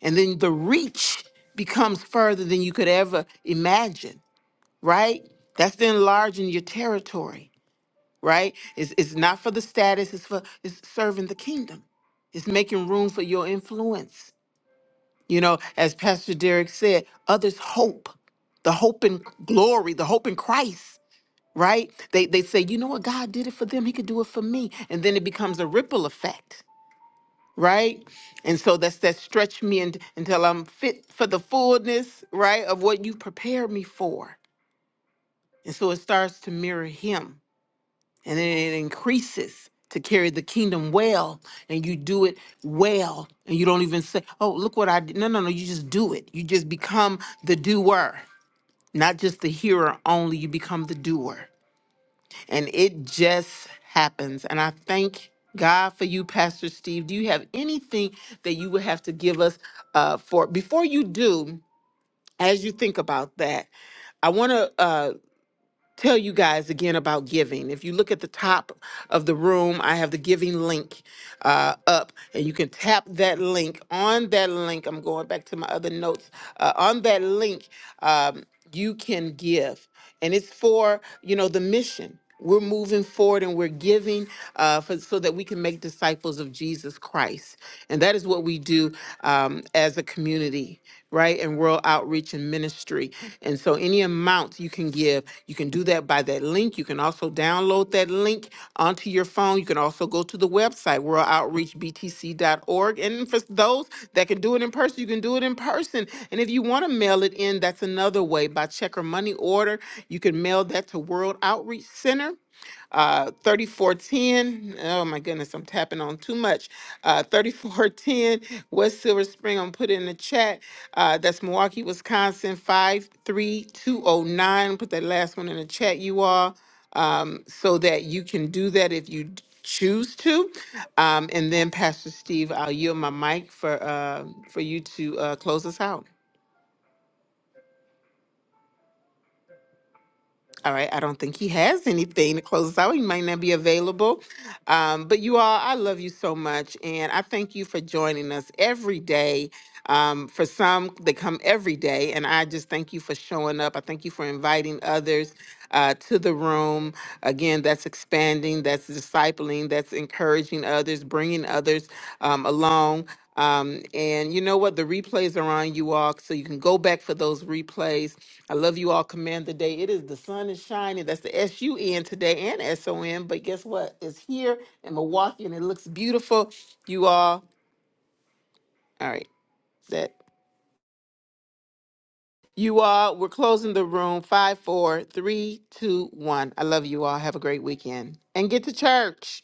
[SPEAKER 1] And then the reach becomes further than you could ever imagine, right? That's the enlarging your territory right? It's it's not for the status, it's for it's serving the kingdom. It's making room for your influence. You know, as Pastor Derek said, others hope, the hope in glory, the hope in Christ, right? They they say, you know what, God did it for them, he could do it for me. And then it becomes a ripple effect, right? And so that's that stretch me and, until I'm fit for the fullness, right, of what you prepared me for. And so it starts to mirror him and then it increases to carry the kingdom well and you do it well and you don't even say oh look what i did no no no you just do it you just become the doer not just the hearer only you become the doer and it just happens and i thank god for you pastor steve do you have anything that you would have to give us uh, for before you do as you think about that i want to tell you guys again about giving. If you look at the top of the room, I have the giving link uh, up, and you can tap that link. On that link, I'm going back to my other notes. Uh, on that link, um, you can give, and it's for you know the mission we're moving forward and we're giving uh, for, so that we can make disciples of Jesus Christ. And that is what we do um, as a community, right? And world outreach and ministry. And so any amount you can give, you can do that by that link. You can also download that link onto your phone. You can also go to the website, worldoutreachbtc.org. And for those that can do it in person, you can do it in person. And if you want to mail it in, that's another way by check or money order. You can mail that to World Outreach Center. Uh, 3410, oh my goodness, I'm tapping on too much. Uh, 3410, West Silver Spring, I'm put in the chat. Uh, that's Milwaukee, Wisconsin, 53209. Put that last one in the chat, you all, um, so that you can do that if you d- choose to. Um, and then Pastor Steve, I'll yield my mic for, uh, for you to uh, close us out. All right. I don't think he has anything to close us out. He might not be available. Um, but you all, I love you so much. And I thank you for joining us every day. Um, for some, they come every day. And I just thank you for showing up. I thank you for inviting others uh, to the room. Again, that's expanding, that's discipling, that's encouraging others, bringing others um, along. Um, and you know what? The replays are on you all, so you can go back for those replays. I love you all. Command the day. It is the sun is shining. That's the S U N today and S O N. But guess what? It's here in Milwaukee, and it looks beautiful. You all. All right. That you all. We're closing the room. Five, four, three, two, one. I love you all. Have a great weekend and get to church.